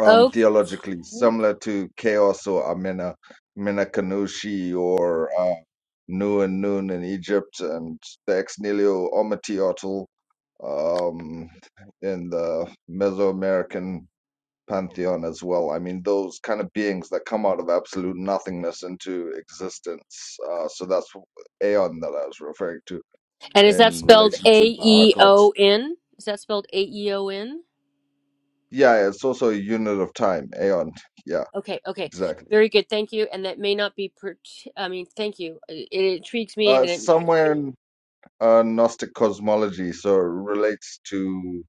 [SPEAKER 4] um,
[SPEAKER 1] Oh,
[SPEAKER 4] theologically, similar to chaos or Amena, Amena Kanushi or uh, Nu and Nun in Egypt, and the ex nihilo Omityotl um, in the Mesoamerican pantheon as well. I mean, those kind of beings that come out of absolute nothingness into existence. Uh, so that's Aeon that I was referring to
[SPEAKER 1] And is that
[SPEAKER 4] in
[SPEAKER 1] spelled
[SPEAKER 4] relation
[SPEAKER 1] A
[SPEAKER 4] to the
[SPEAKER 1] E O
[SPEAKER 4] archons.
[SPEAKER 1] N? Is that spelled A E O N?
[SPEAKER 4] Yeah, it's also a unit of time, aeon. Yeah,
[SPEAKER 1] Okay, okay.
[SPEAKER 4] exactly.
[SPEAKER 1] Very good. Thank you. And that may not be, per- I mean, thank you. It, it intrigues me
[SPEAKER 4] Uh,
[SPEAKER 1] and it,
[SPEAKER 4] somewhere in uh, Gnostic cosmology, so it relates to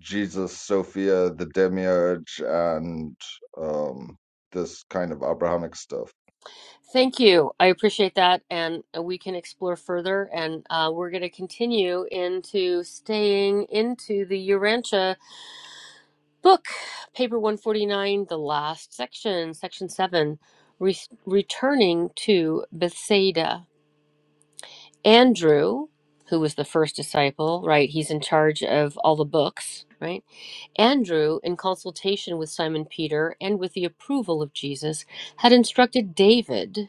[SPEAKER 4] Jesus, Sophia, the demiurge, and um, this kind of Abrahamic stuff.
[SPEAKER 1] thank you. I appreciate that. And we can explore further. And uh, we're going to continue into staying into the Urantia Book, paper 149, the last section, section 7, re- returning to Bethsaida. Andrew, who was the first disciple, right? He's in charge of all the books, right? Andrew, in consultation with Simon Peter and with the approval of Jesus, had instructed David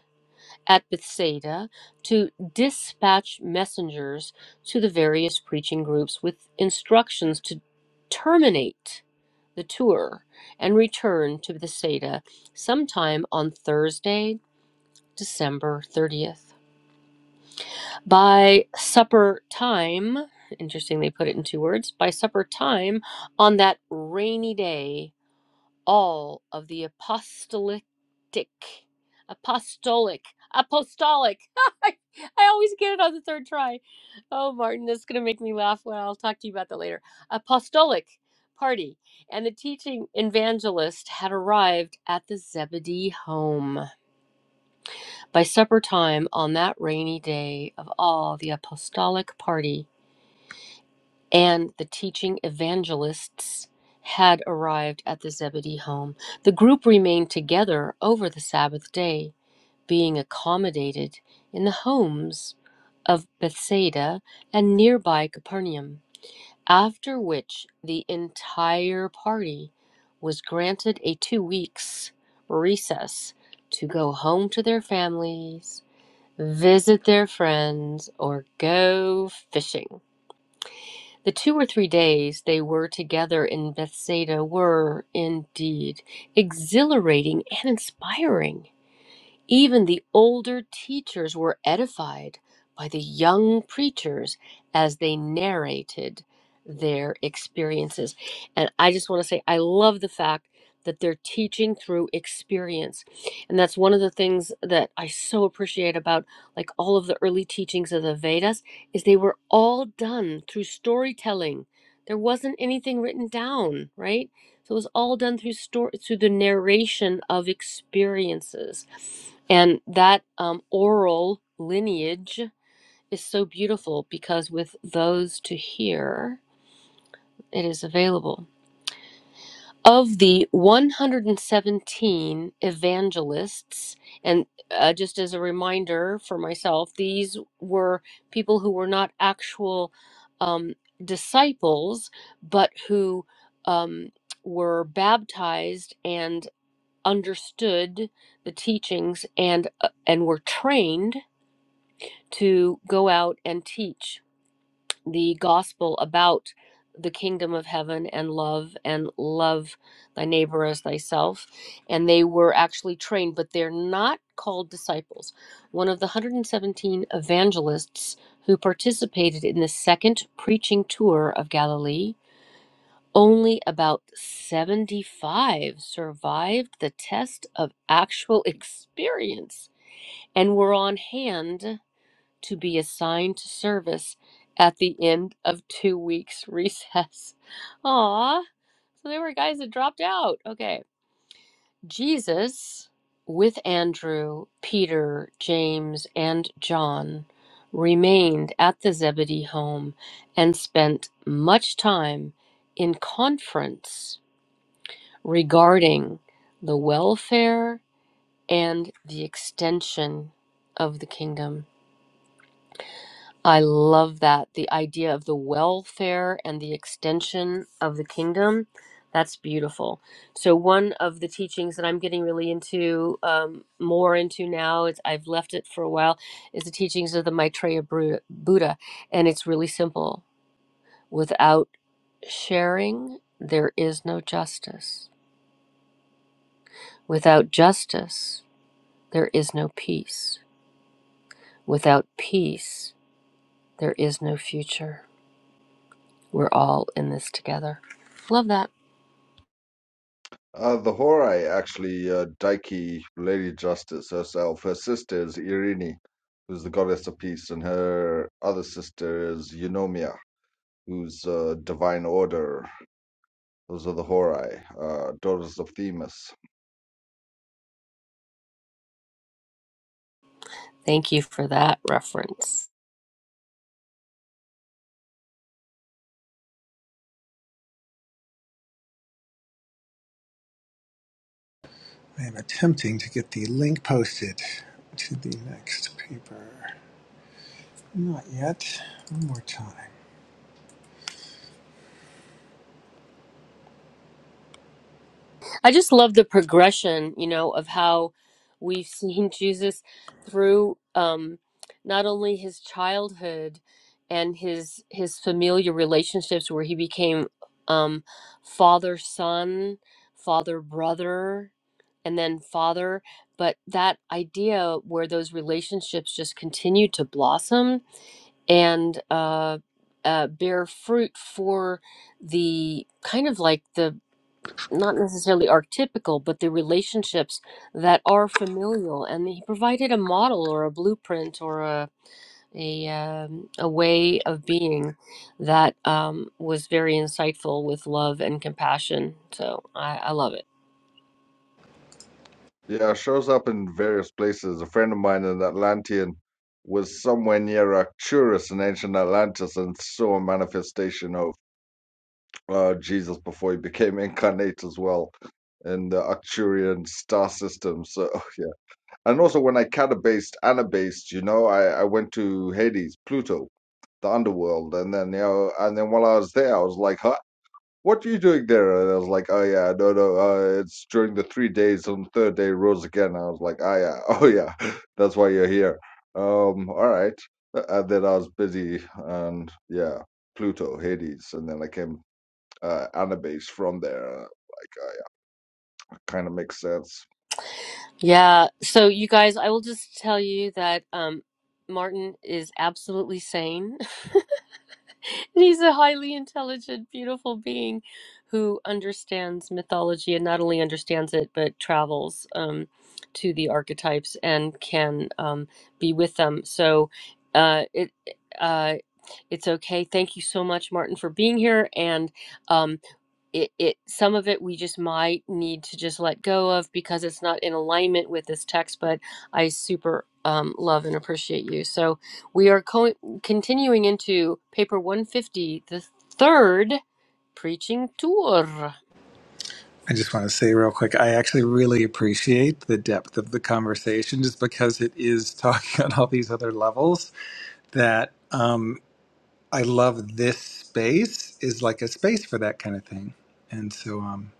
[SPEAKER 1] at Bethsaida to dispatch messengers to the various preaching groups with instructions to terminate the tour and return to Bethsaida sometime on Thursday, December 30th. By supper time, interesting they put it in two words, by supper time on that rainy day, all of the apostolic apostolic apostolic I always get it on the third try. Oh, Martin, this is going to make me laugh. Well, I'll talk to you about that later. Apostolic party and the teaching evangelist had arrived at the Zebedee home. By supper time on that rainy day of all the apostolic party and the teaching evangelists had arrived at the Zebedee home. The group remained together over the Sabbath day, being accommodated in the homes of Bethsaida and nearby Capernaum, after which the entire party was granted a two weeks recess to go home to their families, visit their friends, or go fishing. The two or three days they were together in Bethsaida were, indeed, exhilarating and inspiring. Even the older teachers were edified by the young preachers as they narrated their experiences. And I just want to say, I love the fact that they're teaching through experience. And that's one of the things that I so appreciate about like all of the early teachings of the Vedas is they were all done through storytelling. There wasn't anything written down, right? So it was all done through story through the narration of experiences. And that um, oral lineage is so beautiful because with those to hear, it is available. Of the 117 evangelists, and uh, just as a reminder for myself, these were people who were not actual um, disciples, but who um, were baptized and understood the teachings and uh, and were trained to go out and teach the gospel about the kingdom of heaven and love and love thy neighbor as thyself. And they were actually trained, but they're not called disciples. One of the 117 evangelists who participated in the second preaching tour of Galilee, only about 75 survived the test of actual experience and were on hand to be assigned to service at the end of two weeks recess. Aw, so there were guys that dropped out. Okay. Jesus, with Andrew, Peter, James, and John, remained at the Zebedee home and spent much time in conference regarding the welfare and the extension of the kingdom. I love that. The idea of the welfare and the extension of the kingdom. That's beautiful. So one of the teachings that I'm getting really into, um, more into now, it's I've left it for a while, is the teachings of the Maitreya Bru- Buddha, and it's really simple. Without sharing, there is no justice. Without justice, there is no peace. Without peace, there is no future. We're all in this together. Love that.
[SPEAKER 4] Uh, the Horai, actually, uh, Dike, Lady Justice herself, her sister is Irene, who's the goddess of peace, and her other sister is Eunomia, who's a divine order Those are the Horai, uh, daughters of Themis.
[SPEAKER 1] Thank you for that reference.
[SPEAKER 2] I am attempting to get the link posted to the next paper. Not yet. One more time.
[SPEAKER 1] I just love the progression, you know, of how we've seen Jesus through um, not only his childhood and his his familiar relationships, where he became um, father son, father brother, and then father, but that idea where those relationships just continued to blossom and uh, uh, bear fruit for the kind of like the not necessarily archetypical, but the relationships that are familial. And he provided a model or a blueprint or a a um, a way of being that um, was very insightful with love and compassion. So I, I love it.
[SPEAKER 4] Yeah, shows up in various places. A friend of mine, an Atlantean, was somewhere near Arcturus in ancient Atlantis and saw a manifestation of uh, Jesus before he became incarnate as well in the Arcturian star system. So, yeah. And also, when I catabased, anabased, you know, I, I went to Hades, Pluto, the underworld. And then, you know, and then while I was there, I was like, huh? what are you doing there? And I was like, oh yeah, no, no, uh, it's during the three days. On the third day, rose again. I was like, oh yeah, oh yeah, that's why you're here. Um, all right. Uh, And then I was busy, and yeah, Pluto, Hades, and then I came uh, Anubis from there. Kind of makes sense.
[SPEAKER 1] Yeah. So you guys, I will just tell you that um, Martin is absolutely sane. And he's a highly intelligent, beautiful being who understands mythology and not only understands it, but travels um, to the archetypes and can um, be with them. So uh, it uh, it's okay. Thank you so much, Martin, for being here. And um, it it some of it we just might need to just let go of because it's not in alignment with this text but i super um, love and appreciate you so we are co- continuing into paper 150 the third preaching tour
[SPEAKER 2] I just want to say real quick, I actually really appreciate the depth of the conversation just because it is talking on all these other levels that um, I love this space is like a space for that kind of thing. And so, um,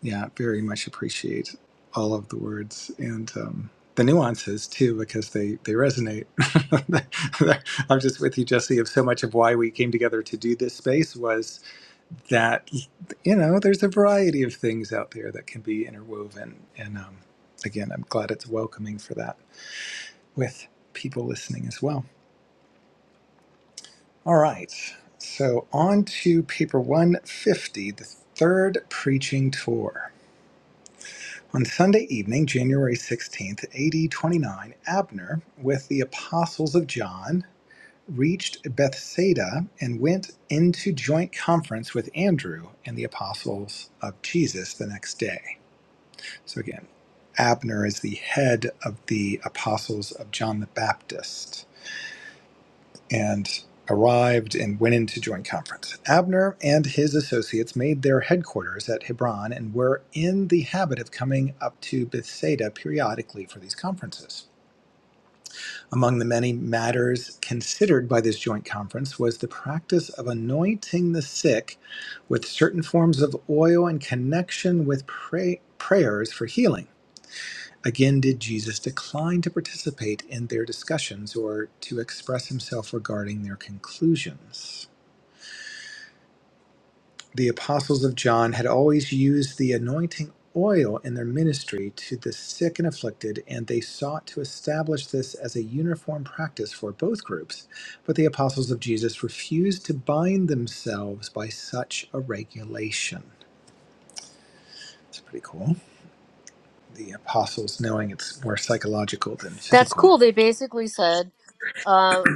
[SPEAKER 2] yeah, very much appreciate all of the words and um, the nuances too, because they, they resonate. I'm just with you, Jesse, of so much of why we came together to do this space was that you know there's a variety of things out there that can be interwoven and um, again i'm glad it's welcoming for that with people listening as well all right so on to paper 150 the third preaching tour on Sunday evening, January 16th, AD 29, Abner, with the apostles of John, reached Bethsaida and went into joint conference with Andrew and the apostles of Jesus the next day. So again, Abner is the head of the apostles of John the Baptist and arrived and went in to join conference. Abner and his associates made their headquarters at Hebron and were in the habit of coming up to Bethsaida periodically for these conferences. Among the many matters considered by this joint conference was the practice of anointing the sick with certain forms of oil in connection with pray- prayers for healing. Again, did Jesus decline to participate in their discussions or to express himself regarding their conclusions? The apostles of John had always used the anointing oil in their ministry to the sick and afflicted, and they sought to establish this as a uniform practice for both groups. But the apostles of Jesus refused to bind themselves by such a regulation. It's pretty cool. The apostles knowing it's more psychological than
[SPEAKER 1] that's
[SPEAKER 2] physical.
[SPEAKER 1] cool they basically said Uh,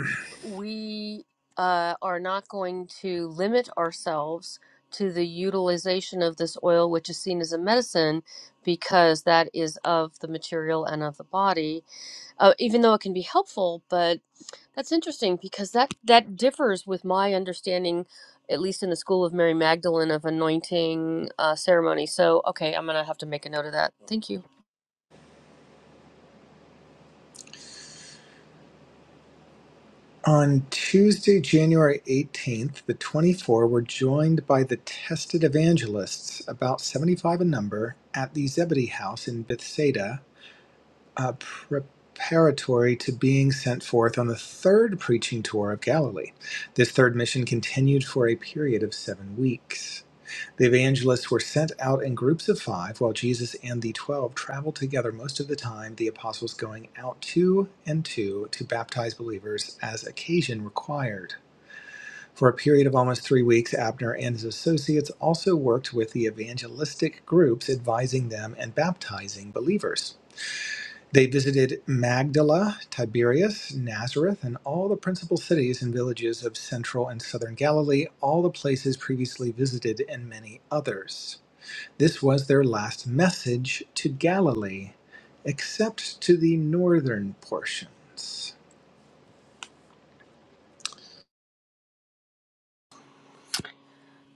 [SPEAKER 1] we uh, are not going to limit ourselves to the utilization of this oil, which is seen as a medicine, because that is of the material and of the body. Uh, even though it can be helpful, but that's interesting because that that differs with my understanding, at least in the school of Mary Magdalene, of anointing uh, ceremony. So, okay, I'm gonna have to make a note of that. Thank you.
[SPEAKER 2] On Tuesday, January 18th, the 24 were joined by the tested evangelists, about 75 in number, at the Zebedee house in Bethsaida, uh, preparatory to being sent forth on the third preaching tour of Galilee. This third mission continued for a period of seven weeks. The evangelists were sent out in groups of five, while Jesus and the twelve traveled together most of the time, the apostles going out two and two to baptize believers as occasion required. For a period of almost three weeks, Abner and his associates also worked with the evangelistic groups, advising them and baptizing believers. They visited Magdala, Tiberias, Nazareth, and all the principal cities and villages of central and southern Galilee, all the places previously visited, and many others. This was their last message to Galilee, except to the northern portions.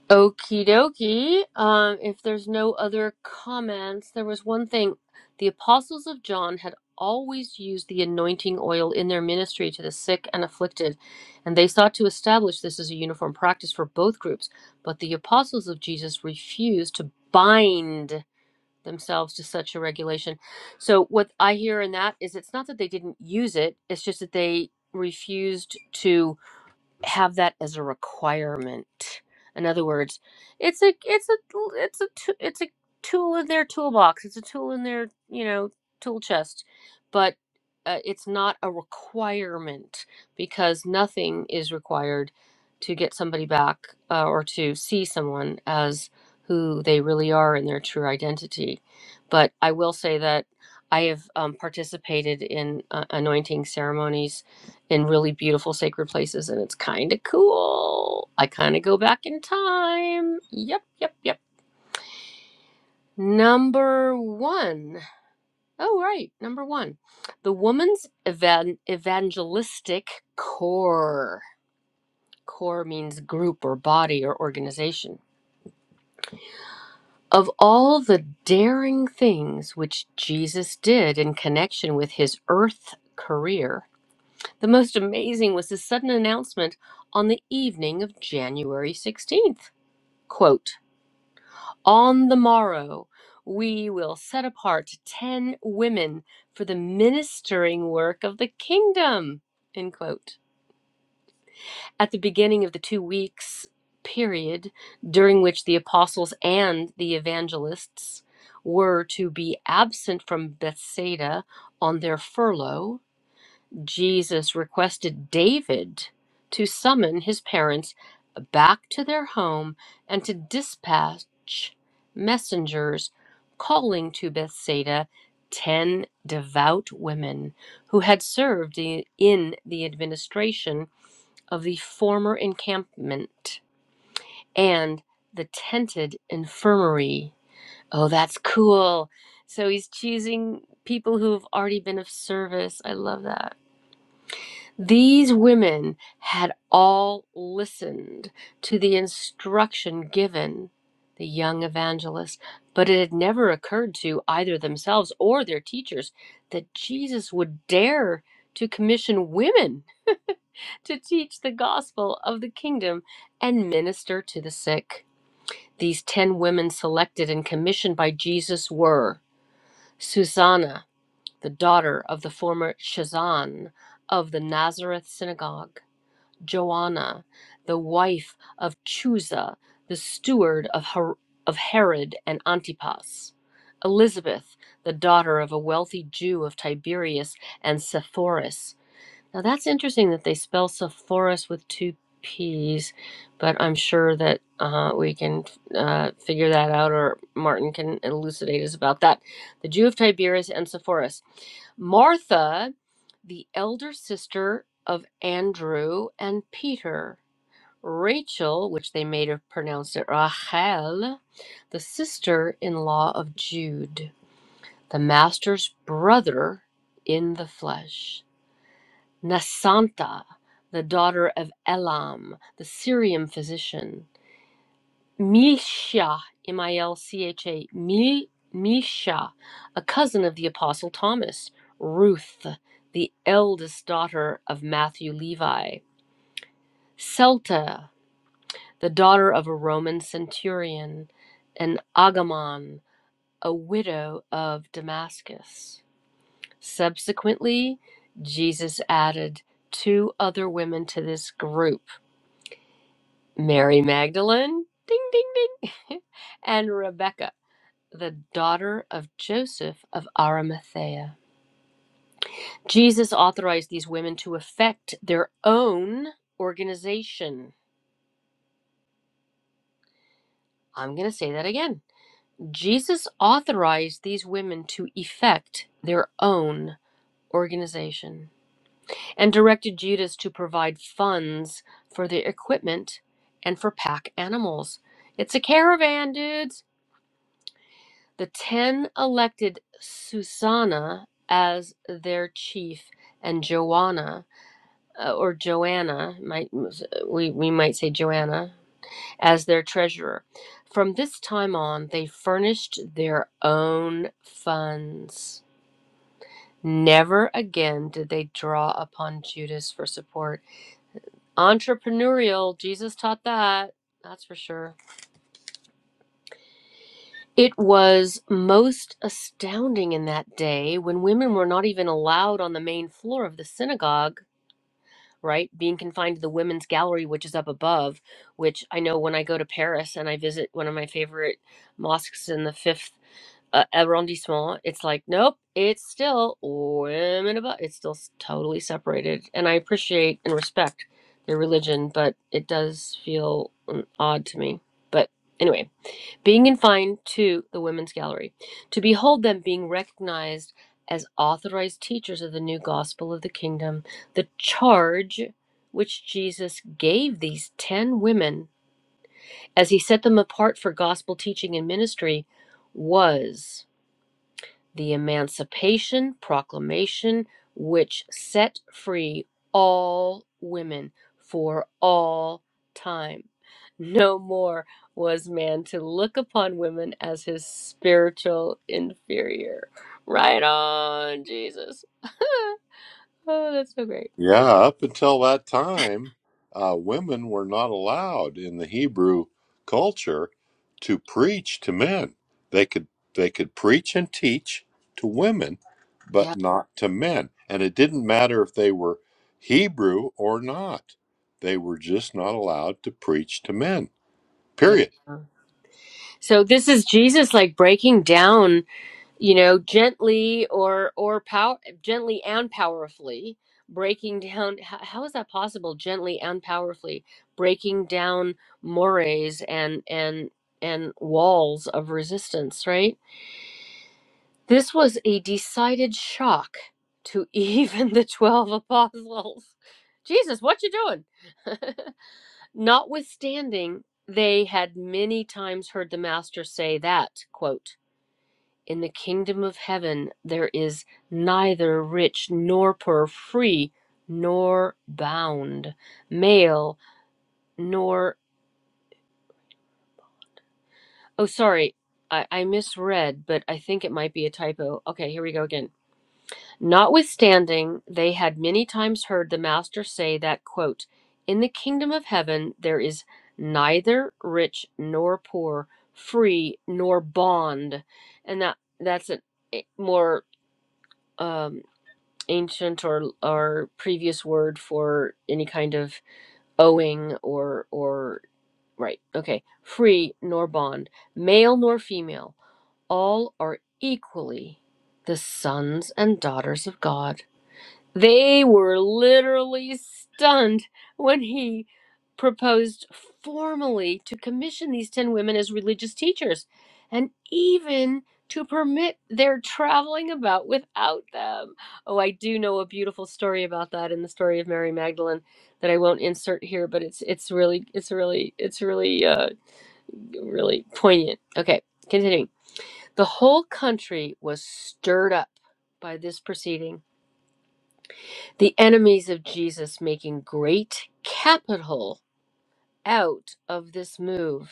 [SPEAKER 1] Okie dokie. Um, if there's no other comments, there was one thing. The apostles of John had always used the anointing oil in their ministry to the sick and afflicted, and they sought to establish this as a uniform practice for both groups. But the apostles of Jesus refused to bind themselves to such a regulation. So, what I hear in that is it's not that they didn't use it, it's just that they refused to have that as a requirement. In other words, it's a it's a it's a t- it's a tool in their toolbox. It's a tool in their you know tool chest, but uh, it's not a requirement because nothing is required to get somebody back uh, or to see someone as who they really are in their true identity. But I will say that I have um, participated in uh, anointing ceremonies in really beautiful sacred places and it's kind of cool. I kind of go back in time. Yep, yep, yep. Number one. Oh, right. Number one. The woman's evan- evangelistic core. Core means group or body or organization. Of all the daring things which Jesus did in connection with his earth career, the most amazing was his sudden announcement on the evening of January 16th. Quote, on the morrow, we will set apart 10 women for the ministering work of the kingdom. End quote. At the beginning of the two weeks period during which the apostles and the evangelists were to be absent from Bethsaida on their furlough, Jesus requested David to summon his parents back to their home and to dispatch messengers calling to Bethsaida 10 devout women who had served i- in the administration of the former encampment and the tented infirmary. Oh, that's cool. So he's choosing people who've already been of service. I love that. These women had all listened to the instruction given the young evangelist, but it had never occurred to either themselves or their teachers that Jesus would dare to commission women to teach the gospel of the kingdom and minister to the sick. These ten women selected and commissioned by Jesus were Susanna, the daughter of the former Shazan of the Nazareth synagogue. Joanna, the wife of Chusa, the steward of, Her- of Herod and Antipas, Elizabeth, the daughter of a wealthy Jew of Tiberias and Sepphoris, now that's interesting that they spell Sepphoris with two P's, but I'm sure that uh, we can uh, figure that out, or Martin can elucidate us about that. The Jew of Tiberias and Sepphoris. Martha, the elder sister of Andrew and Peter. Rachel, which they may have pronounced it Rachel, the sister in law of Jude, the master's brother in the flesh. Nasanta, the daughter of Elam, the Syrian physician, Milsha, M I L C H A, Mil- Misha, a cousin of the Apostle Thomas, Ruth, the eldest daughter of Matthew Levi, Celta, the daughter of a Roman centurion, and Agamon, a widow of Damascus. Subsequently, Jesus added two other women to this group. Mary Magdalene, ding, ding, ding, and Rebecca, the daughter of Joseph of Arimathea. Jesus authorized these women to effect their own organization. I'm going to say that again. Jesus authorized these women to effect their own organization and directed Judas to provide funds for their equipment and for pack animals. It's a caravan, dudes The ten elected Susanna as their chief, and Joanna, uh, or Joanna, might we, we might say Joanna, as their treasurer. From this time on, they furnished their own funds. Never again did they draw upon Judas for support. Entrepreneurial, Jesus taught that, that's for sure. It was most astounding in that day when women were not even allowed on the main floor of the synagogue, right? Being confined to the women's gallery, which is up above, which I know when I go to Paris and I visit one of my favorite mosques in the fifth uh, arrondissement, it's like, nope, it's still women above. It's still s- totally separated. And I appreciate and respect their religion, but it does feel mm, odd to me. But anyway being confined to the women's gallery, to behold them being recognized as authorized teachers of the new gospel of the kingdom, the charge which Jesus gave these 10 women as he set them apart for gospel teaching and ministry was the Emancipation Proclamation, which set free all women for all time. No more was man to look upon women as his spiritual inferior. Right on, Jesus. oh, that's so great.
[SPEAKER 3] Yeah, up until that time, uh, women were not allowed in the Hebrew culture to preach to men. They could they could preach and teach to women, but
[SPEAKER 1] Yeah,
[SPEAKER 3] not to men. And it didn't matter if they were Hebrew or not. They were just not allowed to preach to men.
[SPEAKER 1] yeah.
[SPEAKER 3] Period.
[SPEAKER 1] So this is Jesus like breaking down you know gently or or power gently and powerfully breaking down how, how is that possible gently and powerfully breaking down mores and and and walls of resistance right this was a decided shock to even the 12 apostles jesus what you doing notwithstanding they had many times heard the master say that quote in the kingdom of heaven there is neither rich nor poor, free nor bound, male nor. Oh, sorry, I, I misread, but I think it might be a typo. Okay, here we go again. Notwithstanding, they had many times heard the Master say that, quote, In the kingdom of heaven there is neither rich nor poor, free nor bond. And that that's a more um. ancient or or previous word for any kind of owing or or right okay free nor bond male nor female all are equally the sons and daughters of god they were literally stunned when he proposed formally to commission these 10 women as religious teachers and even to permit their traveling about without them. Oh, I do know a beautiful story about that in the story of Mary Magdalene that I won't insert here, but it's it's really it's really it's really uh really poignant. Okay, continuing. The whole country was stirred up by this proceeding the enemies of Jesus making great capital out of this move.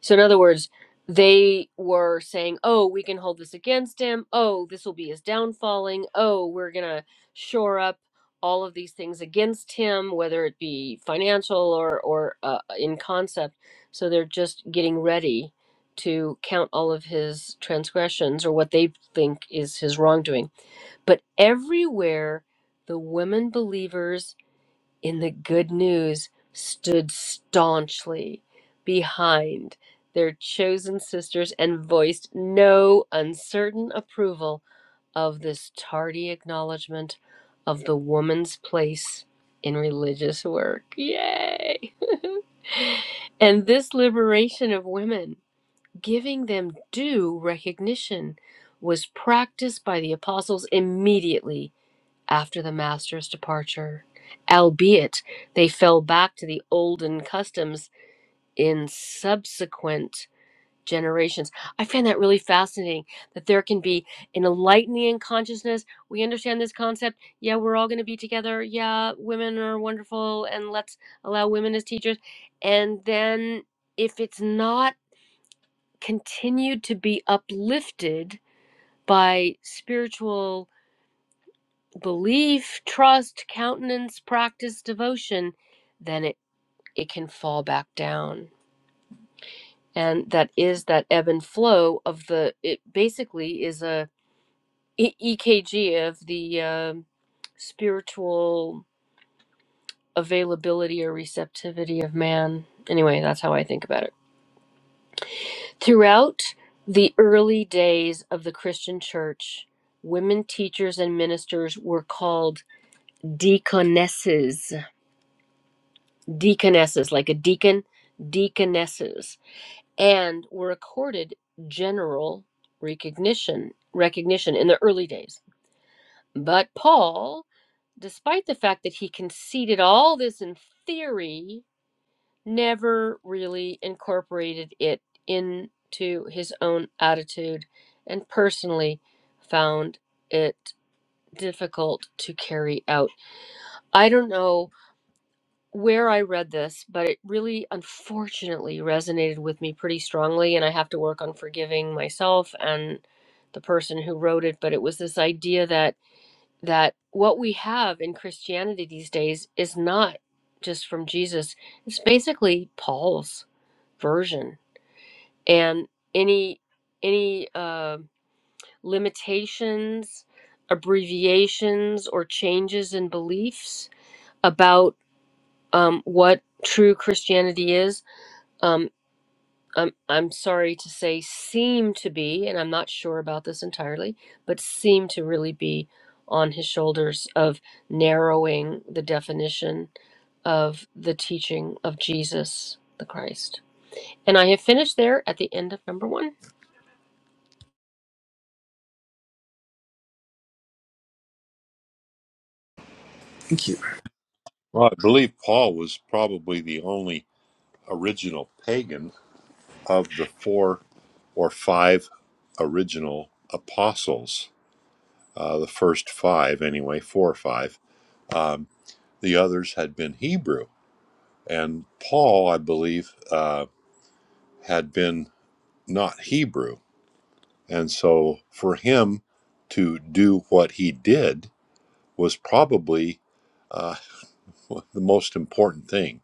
[SPEAKER 1] So, in other words, they were saying, oh, we can hold this against him. Oh, this will be his downfalling. Oh, we're going to shore up all of these things against him, whether it be financial or, or uh, in concept. So, they're just getting ready to count all of his transgressions or what they think is his wrongdoing But everywhere the women believers in the good news stood staunchly behind their chosen sisters and voiced no uncertain approval of this tardy acknowledgement of the woman's place in religious work. Yay! and this liberation of women, giving them due recognition, was practiced by the apostles immediately after the master's departure, albeit they fell back to the olden customs in subsequent generations. I find that really fascinating that there can be an enlightening consciousness. We understand this concept. Yeah, we're all going to be together. Yeah, women are wonderful and let's allow women as teachers. And then if it's not continued to be uplifted by spiritual belief, trust, countenance, practice, devotion, then it, it can fall back down. And that is that ebb and flow of the, it basically is a E- EKG of the um spiritual availability or receptivity of man. Anyway, that's how I think about it. Throughout the early days of the Christian church, women teachers and ministers were called deaconesses deaconesses, like a deacon, deaconesses, and were accorded general recognition recognition in the early days. But Paul, despite the fact that he conceded all this in theory, never really incorporated it into his own attitude and personally found it difficult to carry out. I don't know where I read this, but it really unfortunately resonated with me pretty strongly. And I have to work on forgiving myself and the person who wrote it. But it was this idea that that what we have in Christianity these days is not just from Jesus. It's basically Paul's version. And any any uh, limitations, abbreviations, or changes in beliefs about um, what true Christianity is. Um, I'm, I'm sorry to say, seem to be, and I'm not sure about this entirely, but seem to really be on his shoulders of narrowing the definition of the teaching of Jesus the Christ. And I have finished there at the end of number one.
[SPEAKER 2] Thank you.
[SPEAKER 3] Well, I believe Paul was probably the only original pagan of the four or five original apostles. uh, the first five anyway, four or five. Um, the others had been Hebrew, and Paul, I believe, uh, had been not Hebrew, and so for him to do what he did was probably uh, the most important thing.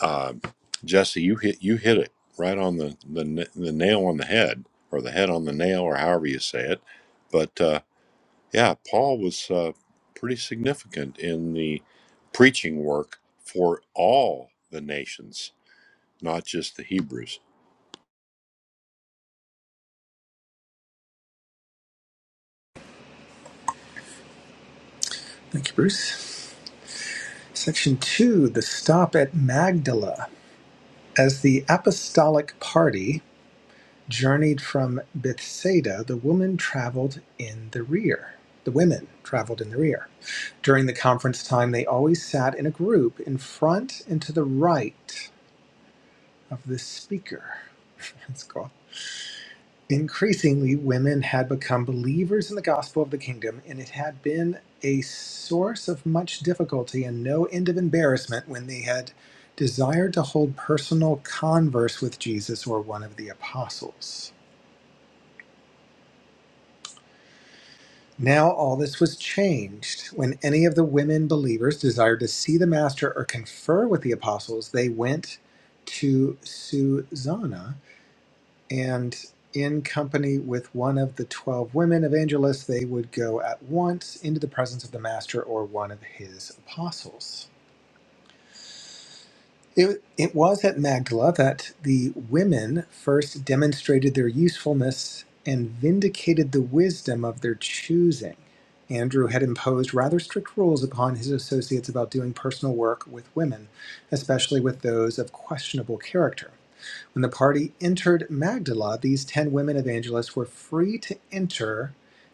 [SPEAKER 3] Um, Jesse, you hit you hit it right on the, the the nail on the head, or the head on the nail, or however you say it. But uh, Yeah, Paul was uh, pretty significant in the preaching work for all the nations, not just the Hebrews.
[SPEAKER 2] Thank you, Bruce. Section 2 The Stop at Magdala. As the apostolic party journeyed from Bethsaida, the woman traveled in the rear. The women traveled in the rear. During the conference time, they always sat in a group in front and to the right of the speaker. That's cool. Increasingly, women had become believers in the gospel of the kingdom, and it had been a source of much difficulty and no end of embarrassment when they had desired to hold personal converse with Jesus or one of the apostles. Now, all this was changed. When any of the women believers desired to see the Master or confer with the apostles, they went to Susanna and in company with one of the 12 women evangelists, they would go at once into the presence of the master or one of his apostles. It, it was at Magdala that the women first demonstrated their usefulness and vindicated the wisdom of their choosing. Andrew had imposed rather strict rules upon his associates about doing personal work with women, especially with those of questionable character. When the party entered Magdala, these 10 women evangelists were free to enter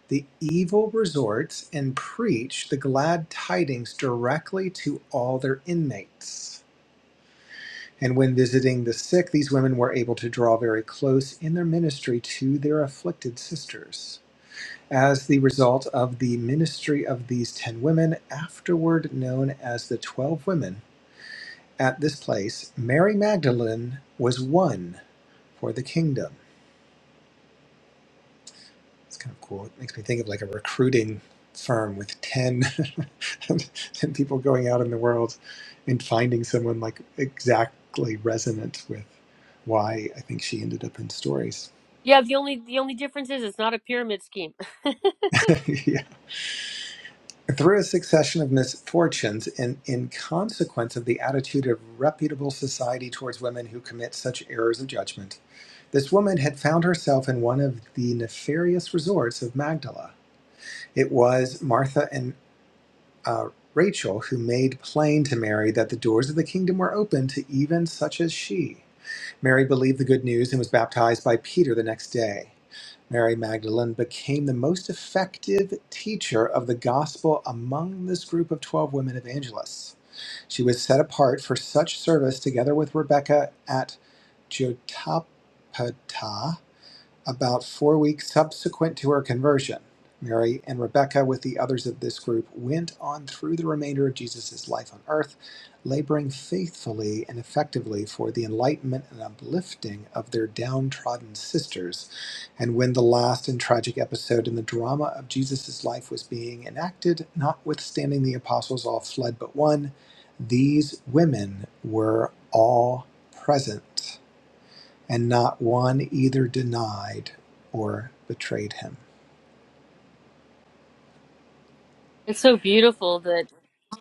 [SPEAKER 2] the evil resorts and preach the glad tidings directly to all their inmates. And when visiting the sick, these women were able to draw very close in their ministry to their afflicted sisters. As the result of the ministry of these 10 women, afterward known as the 12 women, at this place, Mary Magdalene was one for the kingdom. It's kind of cool. It makes me think of like a recruiting firm with 10, 10 people going out in the world and finding someone like exactly resonant with why I think she ended up in stories.
[SPEAKER 1] Yeah, the only the only difference is it's not a pyramid scheme.
[SPEAKER 2] yeah. Through a succession of misfortunes and in consequence of the attitude of reputable society towards women who commit such errors of judgment, this woman had found herself in one of the nefarious resorts of Magdala. It was Martha and uh, Rachel, who made plain to Mary that the doors of the kingdom were open to even such as she. Mary believed the good news and was baptized by Peter the next day. Mary Magdalene became the most effective teacher of the gospel among this group of 12 women evangelists. She was set apart for such service together with Rebecca at Jotapata about four weeks subsequent to her conversion, Mary and Rebecca, with the others of this group, went on through the remainder of Jesus' life on earth, laboring faithfully and effectively for the enlightenment and uplifting of their downtrodden sisters. And when the last and tragic episode in the drama of Jesus' life was being enacted, notwithstanding the apostles all fled but one, these women were all present and not one either denied or betrayed him.
[SPEAKER 1] It's so beautiful that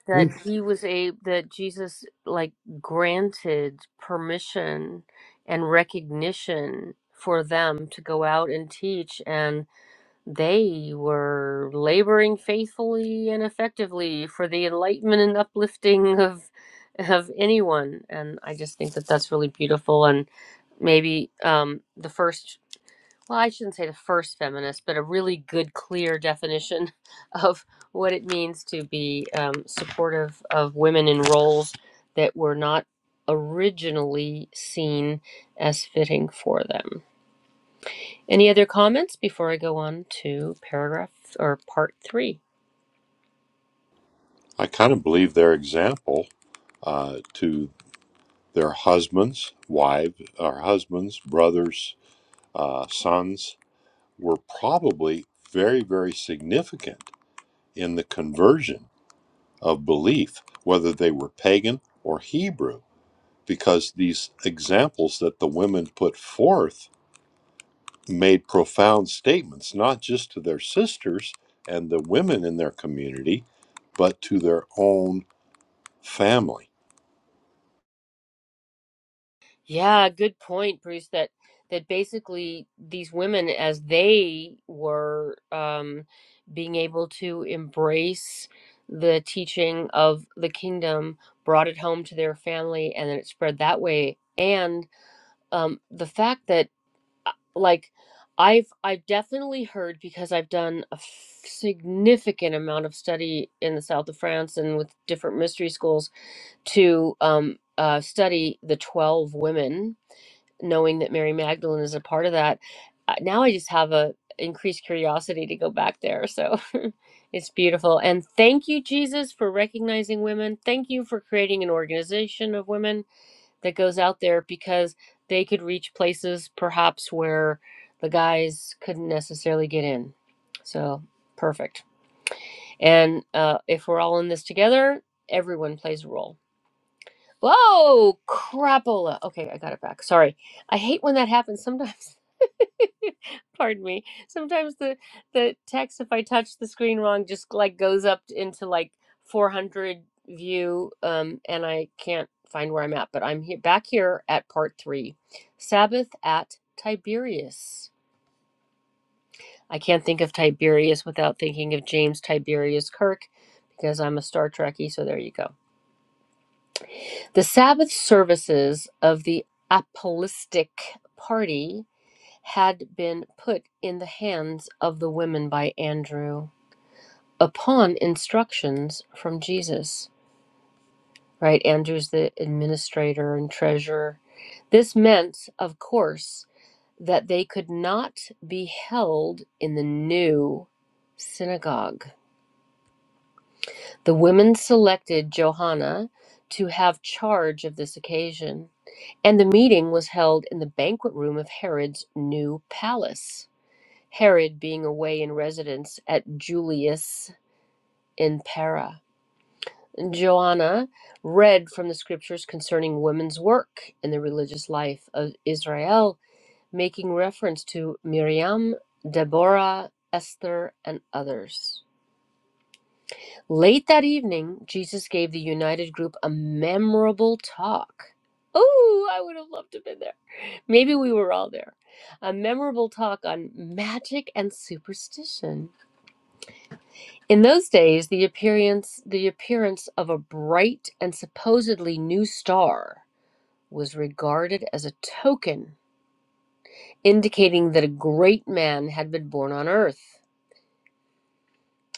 [SPEAKER 1] that
[SPEAKER 2] Oof.
[SPEAKER 1] he was a that Jesus like granted permission and recognition for them to go out and teach and they were laboring faithfully and effectively for the enlightenment and uplifting of of anyone and I just think that that's really beautiful and maybe um the first well, I shouldn't say the first feminist, but a really good, clear definition of what it means to be um, supportive of women in roles that were not originally seen as fitting for them. Any other comments before I go on to paragraph or part three?
[SPEAKER 3] I kind of believe their example uh, to their husbands, wives, or husbands, brothers, uh, sons were probably very, very significant in the conversion of belief, whether they were pagan or Hebrew, because these examples that the women put forth made profound statements, not just to their sisters and the women in their community, but to their own family.
[SPEAKER 1] Yeah, good point, Bruce. That that basically these women, as they were um, being able to embrace the teaching of the kingdom, brought it home to their family, and then it spread that way. And um, the fact that, uh, like, I've I've definitely heard because I've done a f- significant amount of study in the south of France and with different mystery schools to um, uh, study the 12 women, knowing that Mary Magdalene is a part of that. Uh, Now I just have a increased curiosity to go back there. So it's beautiful. And thank you, Jesus, for recognizing women. Thank you for creating an organization of women that goes out there because they could reach places perhaps where the guys couldn't necessarily get in. So perfect. And uh, if we're all in this together, everyone plays a role. Whoa, crapola. Okay, I got it back. Sorry. I hate when that happens sometimes. Pardon me. Sometimes the the text, if I touch the screen wrong, just like goes up into like 400 view, um, and I can't find where I'm at. But I'm here, back here at part three, Sabbath at Tiberias. I can't think of Tiberius without thinking of James Tiberius Kirk because I'm a Star Trekkie. So there you go. The Sabbath services of the Apostolic Party had been put in the hands of the women by Andrew upon instructions from Jesus. Right? Andrew's the administrator and treasurer. This meant, of course, that they could not be held in the new synagogue. The women selected Johanna to have charge of this occasion. And the meeting was held in the banquet room of Herod's new palace, Herod being away in residence at Julius in Pera. And Joanna read from the scriptures concerning women's work in the religious life of Israel, making reference to Miriam, Deborah, Esther, and others. Late that evening, Jesus gave the united group a memorable talk. Oh, I would have loved to have been there. Maybe we were all there. A memorable talk on magic and superstition. In those days, the appearance the appearance of a bright and supposedly new star was regarded as a token indicating that a great man had been born on earth.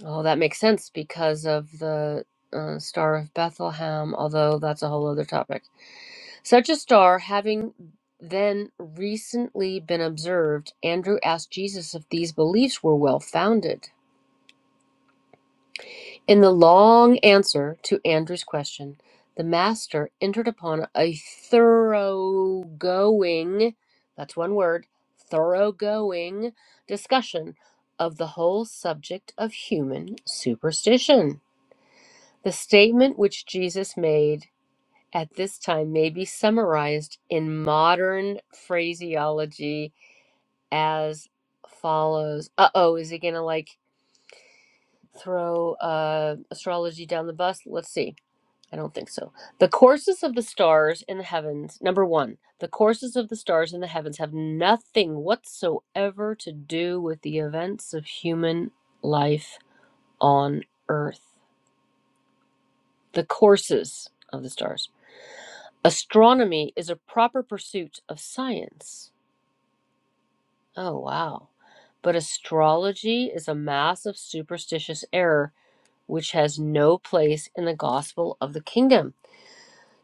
[SPEAKER 1] Oh, that makes sense because of the uh, Star of Bethlehem, although that's a whole other topic. Such a star having then recently been observed, Andrew asked Jesus if these beliefs were well founded. In the long answer to Andrew's question, the master entered upon a thoroughgoing, that's one word, thoroughgoing discussion of the whole subject of human superstition. The statement which Jesus made at this time may be summarized in modern phraseology as follows Uh oh, is he going to like throw uh, astrology down the bus? Let's see. I don't think so. The courses of the stars in the heavens, number one, the courses of the stars in the heavens have nothing whatsoever to do with the events of human life on earth. The courses of the stars. Astronomy is a proper pursuit of science. Oh, wow. But astrology is a mass of superstitious error which has no place in the gospel of the kingdom.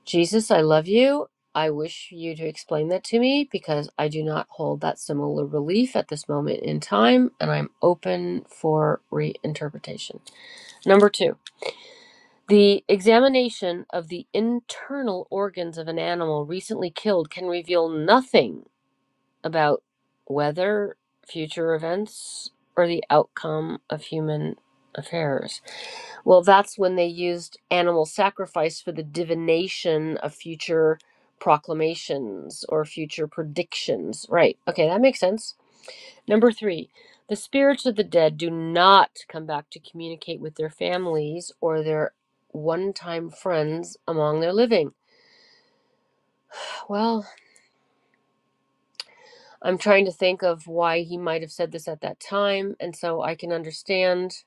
[SPEAKER 1] Jesus, I love you. I wish you to explain that to me because I do not hold that similar belief at this moment in time and I'm open for reinterpretation. Number two, the examination of the internal organs of an animal recently killed can reveal nothing about whether future events or the outcome of human affairs. Well, that's when they used animal sacrifice for the divination of future proclamations or future predictions. Right. Okay, that makes sense. Number three, the spirits of the dead do not come back to communicate with their families or their one time friends among their living. Well, I'm trying to think of why he might have said this at that time. And so I can understand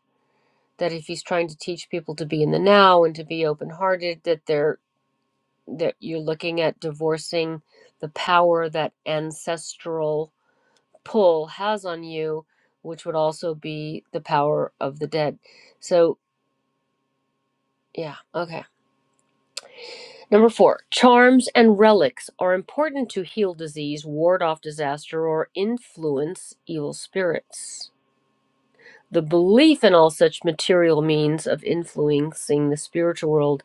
[SPEAKER 1] that if he's trying to teach people to be in the now and to be open hearted, that they're that you're looking at divorcing the power that ancestral pull has on you, which would also be the power of the dead. So yeah, okay. Number four, charms and relics are important to heal disease, ward off disaster, or influence evil spirits. The belief in all such material means of influencing the spiritual world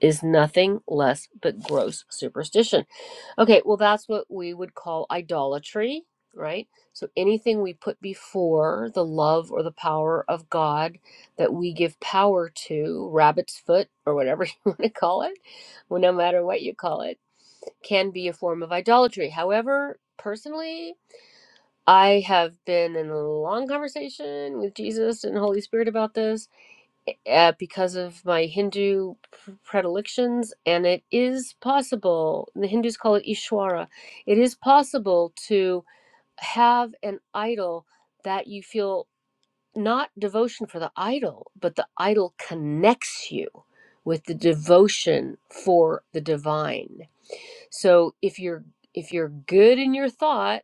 [SPEAKER 1] is nothing less but gross superstition. Okay, well, that's what we would call idolatry, right? So anything we put before the love or the power of God that we give power to, rabbit's foot or whatever you want to call it, well, no matter what you call it, can be a form of idolatry. However, personally, I have been in a long conversation with Jesus and Holy Spirit about this uh, because of my Hindu predilections, and it is possible, the Hindus call it Ishwara, it is possible to have an idol that you feel not devotion for the idol, but the idol connects you with the devotion for the divine. So if you're if you're good in your thought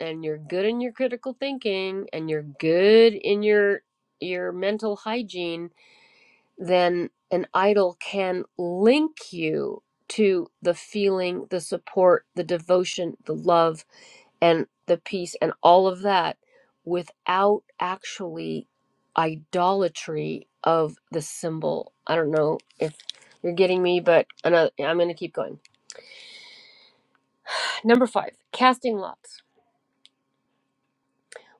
[SPEAKER 1] and you're good in your critical thinking and you're good in your your mental hygiene then an idol can link you to the feeling the support the devotion the love and the peace and all of that without actually idolatry of the symbol i don't know if you're getting me but i'm going to keep going number 5 casting lots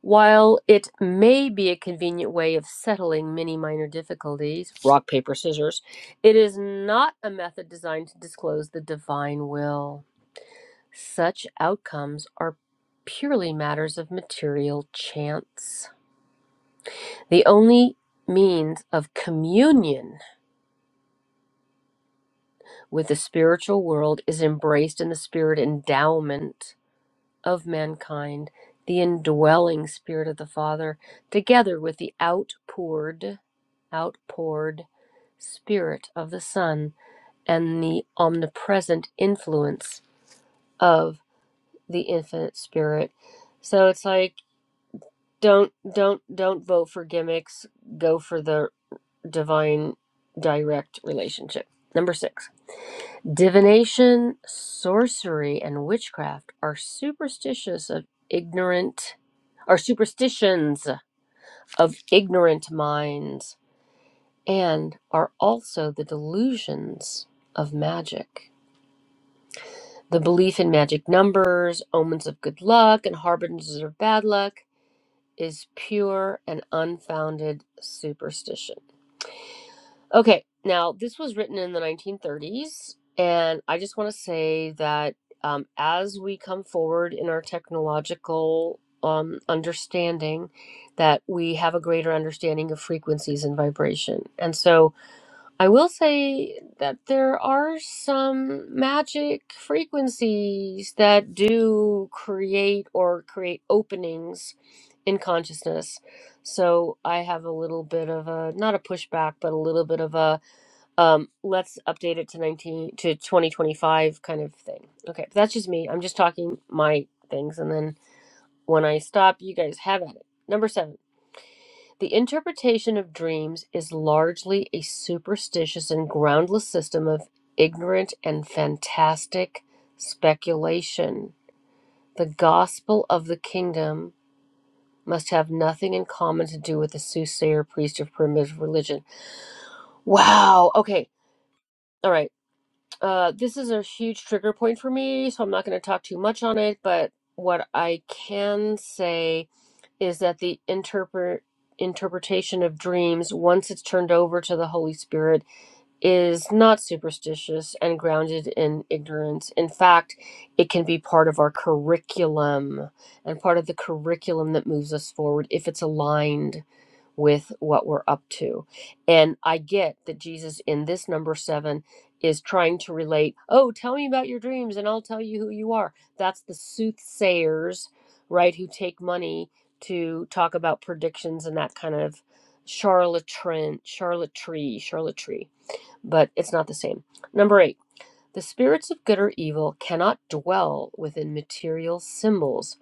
[SPEAKER 1] While it may be a convenient way of settling many minor difficulties, rock, paper, scissors, it is not a method designed to disclose the divine will. Such outcomes are purely matters of material chance. The only means of communion with the spiritual world is embraced in the spirit endowment of mankind, the indwelling Spirit of the Father, together with the outpoured, outpoured Spirit of the Son, and the omnipresent influence of the Infinite Spirit. So it's like don't don't don't vote for gimmicks. Go for the divine direct relationship. Number six. Divination, sorcery, and witchcraft are superstitious of ignorant are superstitions of ignorant minds and are also the delusions of magic. The belief in magic numbers, omens of good luck, and harbingers of bad luck is pure and unfounded superstition. Okay, now this was written in the 1930s, and I just want to say that um, as we come forward in our technological um, understanding, that we have a greater understanding of frequencies and vibration. And so I will say that there are some magic frequencies that do create or create openings in consciousness. So I have a little bit of a, not a pushback, but a little bit of a, um let's update it to 19 to 2025 kind of thing okay but that's just me i'm just talking my things and then when i stop you guys have at it number seven the interpretation of dreams is largely a superstitious and groundless system of ignorant and fantastic speculation the gospel of the kingdom must have nothing in common to do with the soothsayer priest of primitive religion wow okay all right Uh, this is a huge trigger point for me, so I'm not going to talk too much on it. But what I can say is that the interpret interpretation of dreams, once it's turned over to the Holy Spirit, is not superstitious and grounded in ignorance. In fact, it can be part of our curriculum and part of the curriculum that moves us forward if it's aligned with what we're up to. And I get that Jesus in this number seven is trying to relate, oh, tell me about your dreams and I'll tell you who you are. That's the soothsayers, right, who take money to talk about predictions and that kind of charlatan, charlatry, charlatry. But it's not the same. Number eight. The spirits of good or evil cannot dwell within material symbols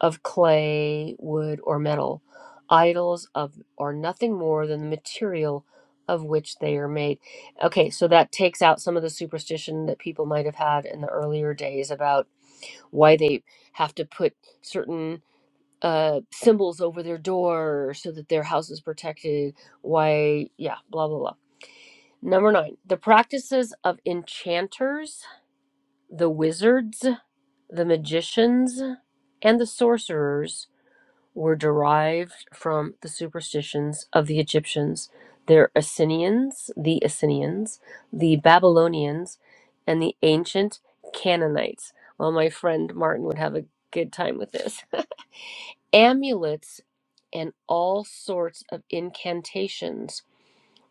[SPEAKER 1] of clay, wood, or metal, idols of are nothing more than the material of which they are made. Okay, so that takes out some of the superstition that people might have had in the earlier days about why they have to put certain uh symbols over their door so that their house is protected, why yeah, blah blah blah. Number 9, the practices of enchanters the wizards, the magicians, and the sorcerers were derived from the superstitions of the Egyptians, their Assyrians, the Assyrians, the Babylonians, and the ancient Canaanites. Well, my friend Martin would have a good time with this. Amulets and all sorts of incantations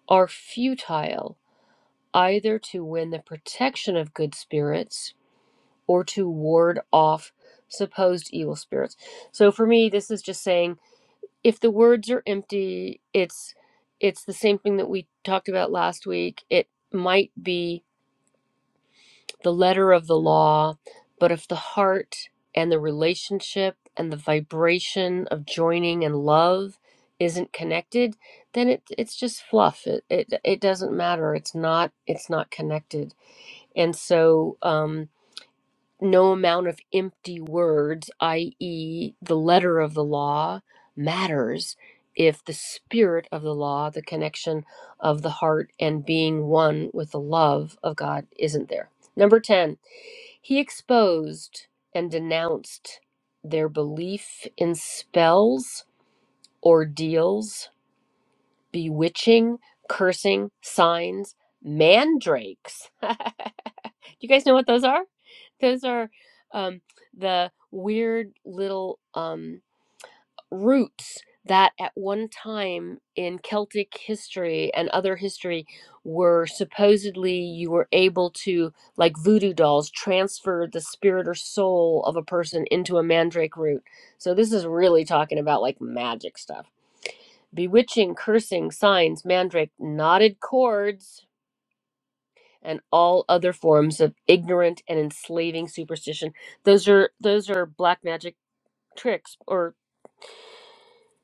[SPEAKER 1] are futile either to win the protection of good spirits or to ward off supposed evil spirits. So for me this is just saying if the words are empty, it's it's the same thing that we talked about last week. It might be the letter of the law, but if the heart and the relationship and the vibration of joining and love isn't connected, then it it's just fluff. It it, it doesn't matter. It's not it's not connected. And so um no amount of empty words, i.e., the letter of the law, matters if the spirit of the law, the connection of the heart and being one with the love of God, isn't there. Number 10, he exposed and denounced their belief in spells, ordeals, bewitching, cursing, signs, mandrakes. Do you guys know what those are? Those are um, the weird little um, roots that at one time in Celtic history and other history were supposedly you were able to, like voodoo dolls, transfer the spirit or soul of a person into a mandrake root. So this is really talking about like magic stuff. Bewitching, cursing, signs, mandrake, knotted cords. And all other forms of ignorant and enslaving superstition. Those are those are black magic tricks or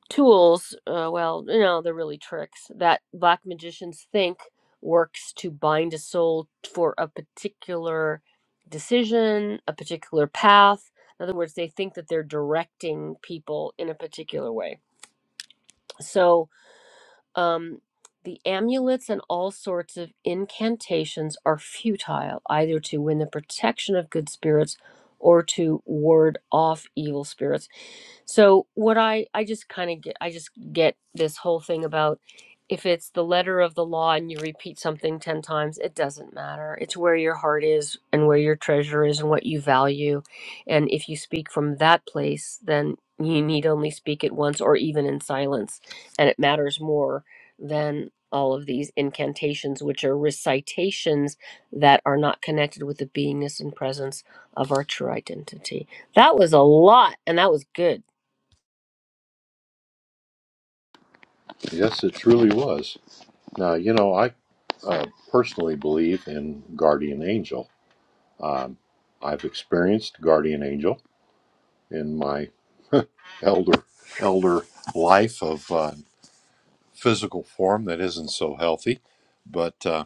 [SPEAKER 1] tools uh, well you know they're really tricks that black magicians think works to bind a soul for a particular decision a particular path in other words they think that they're directing people in a particular way so um, the amulets and all sorts of incantations are futile either to win the protection of good spirits or to ward off evil spirits so what I I just kind of get I just get this whole thing about if it's the letter of the law and you repeat something 10 times, it doesn't matter. It's where your heart is and where your treasure is and what you value. And if you speak from that place, then you need only speak it once or even in silence. And it matters more than all of these incantations, which are recitations that are not connected with the beingness and presence of our true identity. That was a lot and that was good.
[SPEAKER 3] Yes, it truly was. Now, you know, I uh, personally believe in guardian angel. I've experienced guardian angel in my elder elder life of uh, physical form that isn't so healthy, but uh,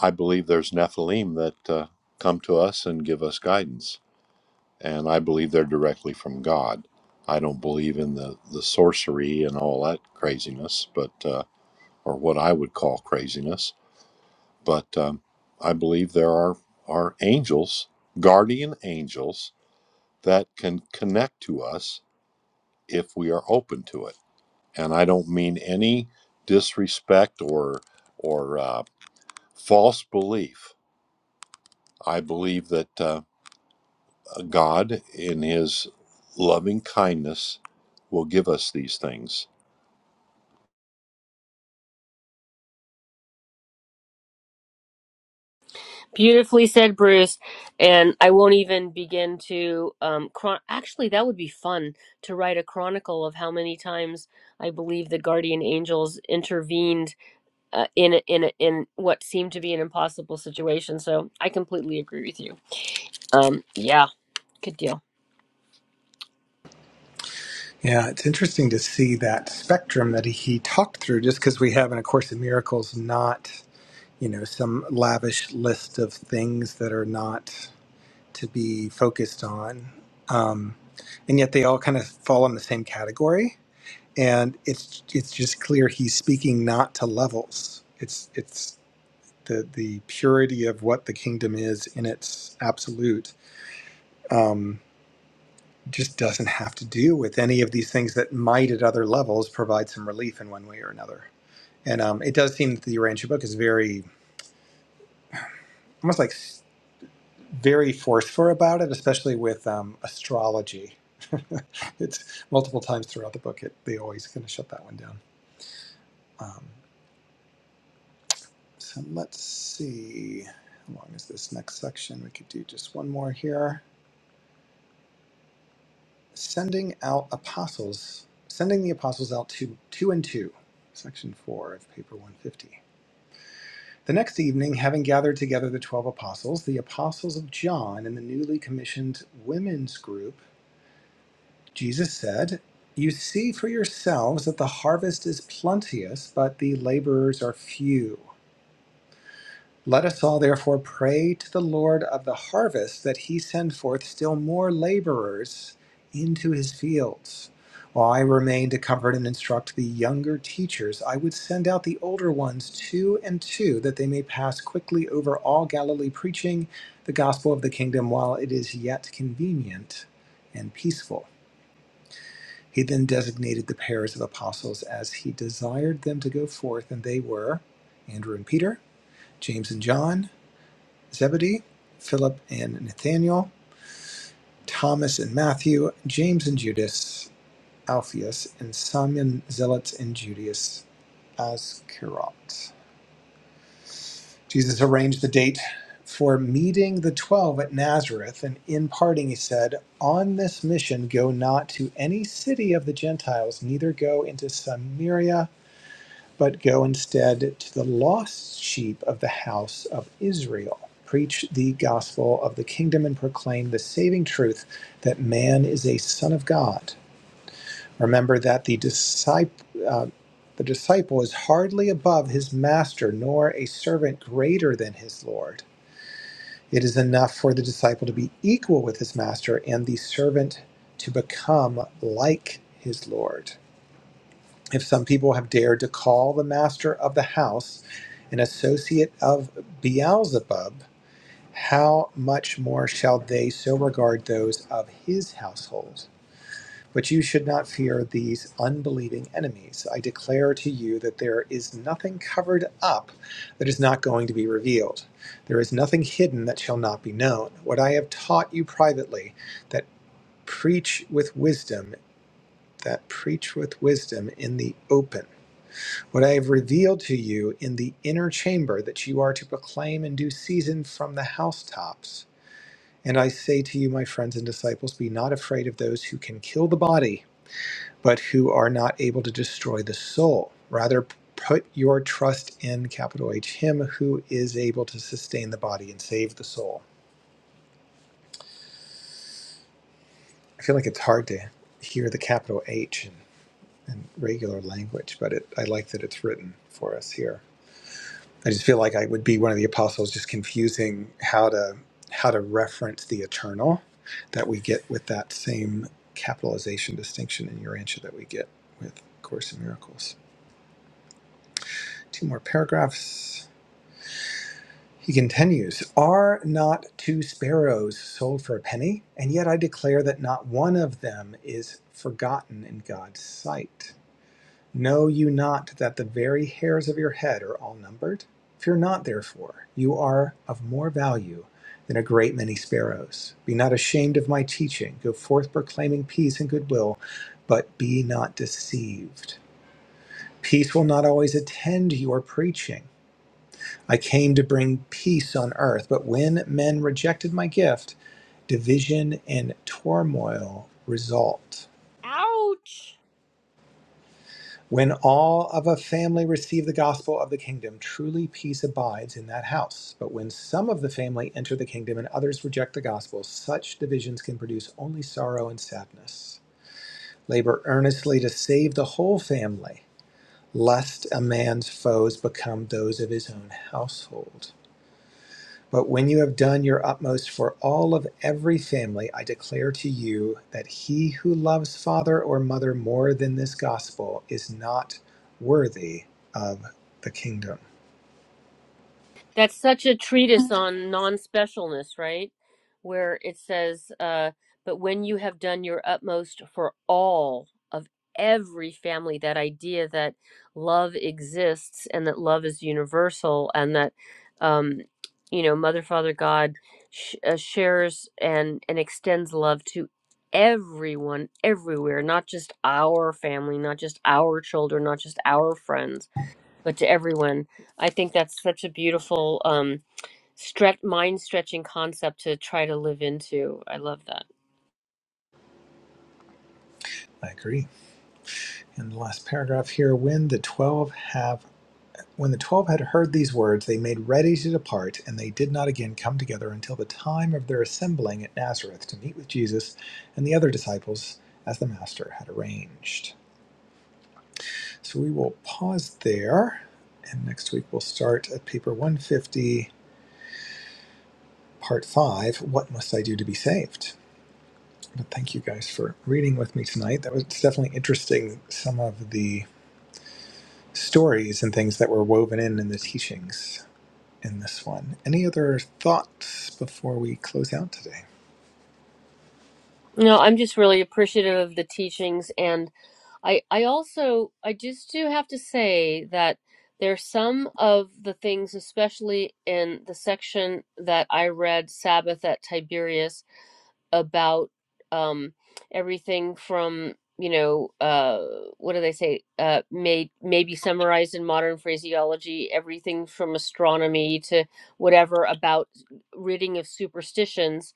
[SPEAKER 3] I believe there's Nephilim that uh, come to us and give us guidance. and I believe they're directly from God. I don't believe in the, the sorcery and all that craziness, but uh, or what I would call craziness. But um, I believe there are are angels, guardian angels that can connect to us if we are open to it. And I don't mean any disrespect or or uh, false belief. I believe that uh, God, in His loving kindness, will give us these things
[SPEAKER 1] Beautifully said, Bruce. And I won't even begin to. Um, chron- Actually, that would be fun to write a chronicle of how many times I believe the guardian angels intervened uh, in a, in a, in what seemed to be an impossible situation. So I completely agree with you. Um, yeah, good deal.
[SPEAKER 2] Yeah, it's interesting to see that spectrum that he talked through just because we have in A Course in Miracles not, you know, some lavish list of things that are not to be focused on. Um, and yet they all kind of fall in the same category. And it's it's just clear he's speaking not to levels. It's it's the the purity of what the kingdom is in its absolute. Um, just doesn't have to do with any of these things that might at other levels provide some relief in one way or another. And um, it does seem that the Urantia book is very, almost like s- very forceful about it, especially with um, astrology. it's multiple times throughout the book, it, they always kind of shut that one down. Um, so let's see. How long is this next section? We could do just one more here. Sending out apostles, sending the apostles out to two and two, section four of paper 150. The next evening, having gathered together the twelve apostles, the apostles of John, and the newly commissioned women's group, Jesus said, You see for yourselves that the harvest is plenteous, but the laborers are few. Let us all therefore pray to the Lord of the harvest that he send forth still more laborers into his fields. While I remain to comfort and instruct the younger teachers, I would send out the older ones two and two, that they may pass quickly over all Galilee, preaching the gospel of the kingdom while it is yet convenient and peaceful. He then designated the pairs of apostles as he desired them to go forth, and they were Andrew and Peter, James and John, Zebedee, Philip and Nathaniel, Thomas and Matthew, James and Judas, Alphaeus, and Simon Zealots and Judas Iscariot. Jesus arranged the date for meeting the twelve at Nazareth, and in parting he said, On this mission go not to any city of the Gentiles, neither go into Samaria but go instead to the lost sheep of the house of Israel. Preach the gospel of the kingdom and proclaim the saving truth that man is a son of God. Remember that the disciple, uh, the disciple is hardly above his master, nor a servant greater than his Lord. It is enough for the disciple to be equal with his master and the servant to become like his Lord if some people have dared to call the master of the house an associate of Beelzebub, how much more shall they so regard those of his household? But you should not fear these unbelieving enemies. I declare to you that there is nothing covered up that is not going to be revealed. There is nothing hidden that shall not be known. What I have taught you privately, that preach with wisdom, that preach with wisdom in the open what I have revealed to you in the inner chamber that you are to proclaim in due season from the housetops. And I say to you, my friends and disciples, be not afraid of those who can kill the body, but who are not able to destroy the soul. Rather, put your trust in capital H, Him who is able to sustain the body and save the soul. I feel like it's hard to hear the capital H in, in regular language, but it, I like that it's written for us here. I just feel like I would be one of the apostles, just confusing how to how to reference the eternal that we get with that same capitalization distinction in Urantia that we get with Course in Miracles. Two more paragraphs. He continues, Are not two sparrows sold for a penny? And yet I declare that not one of them is forgotten in God's sight. Know you not that the very hairs of your head are all numbered? Fear not therefore, you are of more value than a great many sparrows. Be not ashamed of my teaching. Go forth proclaiming peace and goodwill, but be not deceived. Peace will not always attend your preaching. I came to bring peace on earth, but when men rejected my gift, division and turmoil result.
[SPEAKER 1] Ouch.
[SPEAKER 2] When all of a family receive the gospel of the kingdom, truly peace abides in that house. But when some of the family enter the kingdom and others reject the gospel, such divisions can produce only sorrow and sadness. Labor earnestly to save the whole family, lest a man's foes become those of his own household. But when you have done your utmost for all of every family, I declare to you that he who loves father or mother more than this gospel is not worthy of the kingdom.
[SPEAKER 1] That's such a treatise on non specialness, right? Where it says, uh, but when you have done your utmost for all of every family, that idea that love exists and that love is universal and that, um, you know, Mother, Father, God sh- uh, shares and, and extends love to everyone everywhere, not just our family, not just our children, not just our friends but to everyone. I think that's such a beautiful um stretch mind stretching concept to try to live into. I love that.
[SPEAKER 2] I agree. And the last paragraph here when the 12 have when the 12 had heard these words they made ready to depart and they did not again come together until the time of their assembling at Nazareth to meet with Jesus and the other disciples as the master had arranged. So we will pause there, and next week we'll start at paper 150, part five What Must I Do to Be Saved? But thank you guys for reading with me tonight. That was definitely interesting, some of the stories and things that were woven in in the teachings in this one. Any other thoughts before we close out today?
[SPEAKER 1] No, I'm just really appreciative of the teachings and I I also I just do have to say that there's some of the things especially in the section that I read Sabbath at Tiberias about um, everything from you know uh, what do they say uh, may maybe summarized in modern phraseology everything from astronomy to whatever about ridding of superstitions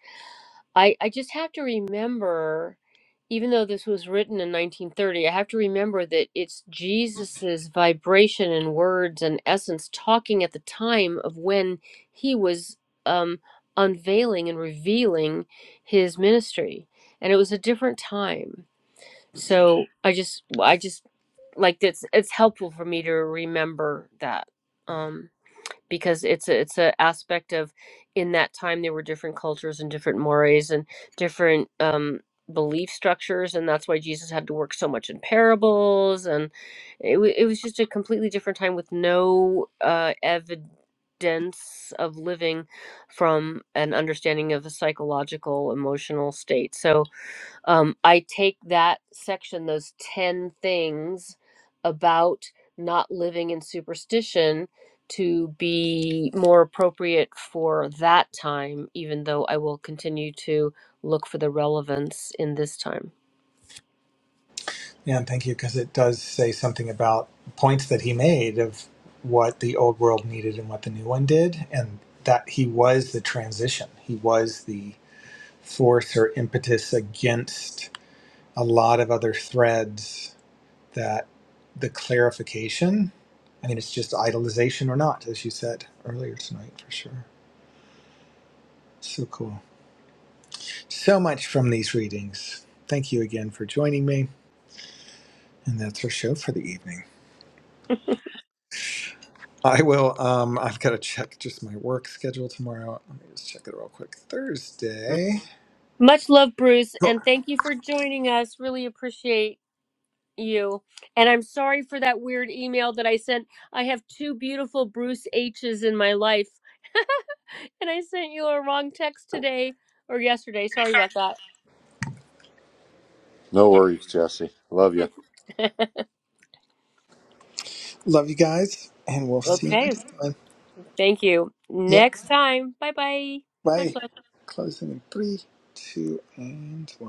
[SPEAKER 1] I, I just have to remember, even though this was written in 1930, I have to remember that it's Jesus's vibration and words and essence talking at the time of when he was um, unveiling and revealing his ministry, and it was a different time. So I just I just like it's it's helpful for me to remember that. Um, because it's a, it's an aspect of in that time there were different cultures and different mores and different um, belief structures and that's why jesus had to work so much in parables and it, wa- it was just a completely different time with no uh, evidence of living from an understanding of a psychological emotional state so um, I take that section, those 10 things about not living in superstition, to be more appropriate for that time, even though I will continue to look for the relevance in this time.
[SPEAKER 2] Yeah, and thank you, because it does say something about points that he made of what the old world needed and what the new one did, and that he was the transition. He was the force or impetus against a lot of other threads that the clarification, I mean, it's just idolization or not, as you said earlier tonight, for sure. So cool. So much from these readings. Thank you again for joining me. And that's our show for the evening. I will, um, I've got to check just my work schedule tomorrow. Let me just check it real quick.
[SPEAKER 1] Mm.
[SPEAKER 2] Thursday.
[SPEAKER 1] Much love, Bruce,
[SPEAKER 2] Cool.
[SPEAKER 1] and thank you for joining us. Really appreciate you. And I'm sorry for that weird email that I sent. I have two beautiful Bruce H's in my life. and I sent you a wrong text today or yesterday. Sorry about that.
[SPEAKER 3] No worries, Jesse. Love you.
[SPEAKER 2] Love you guys, and we'll see you
[SPEAKER 1] okay.
[SPEAKER 2] next time.
[SPEAKER 1] Thank you.
[SPEAKER 2] Yeah.
[SPEAKER 1] Next time. Bye bye. Much
[SPEAKER 2] Bye.
[SPEAKER 1] love.
[SPEAKER 2] Closing in three, two, and one.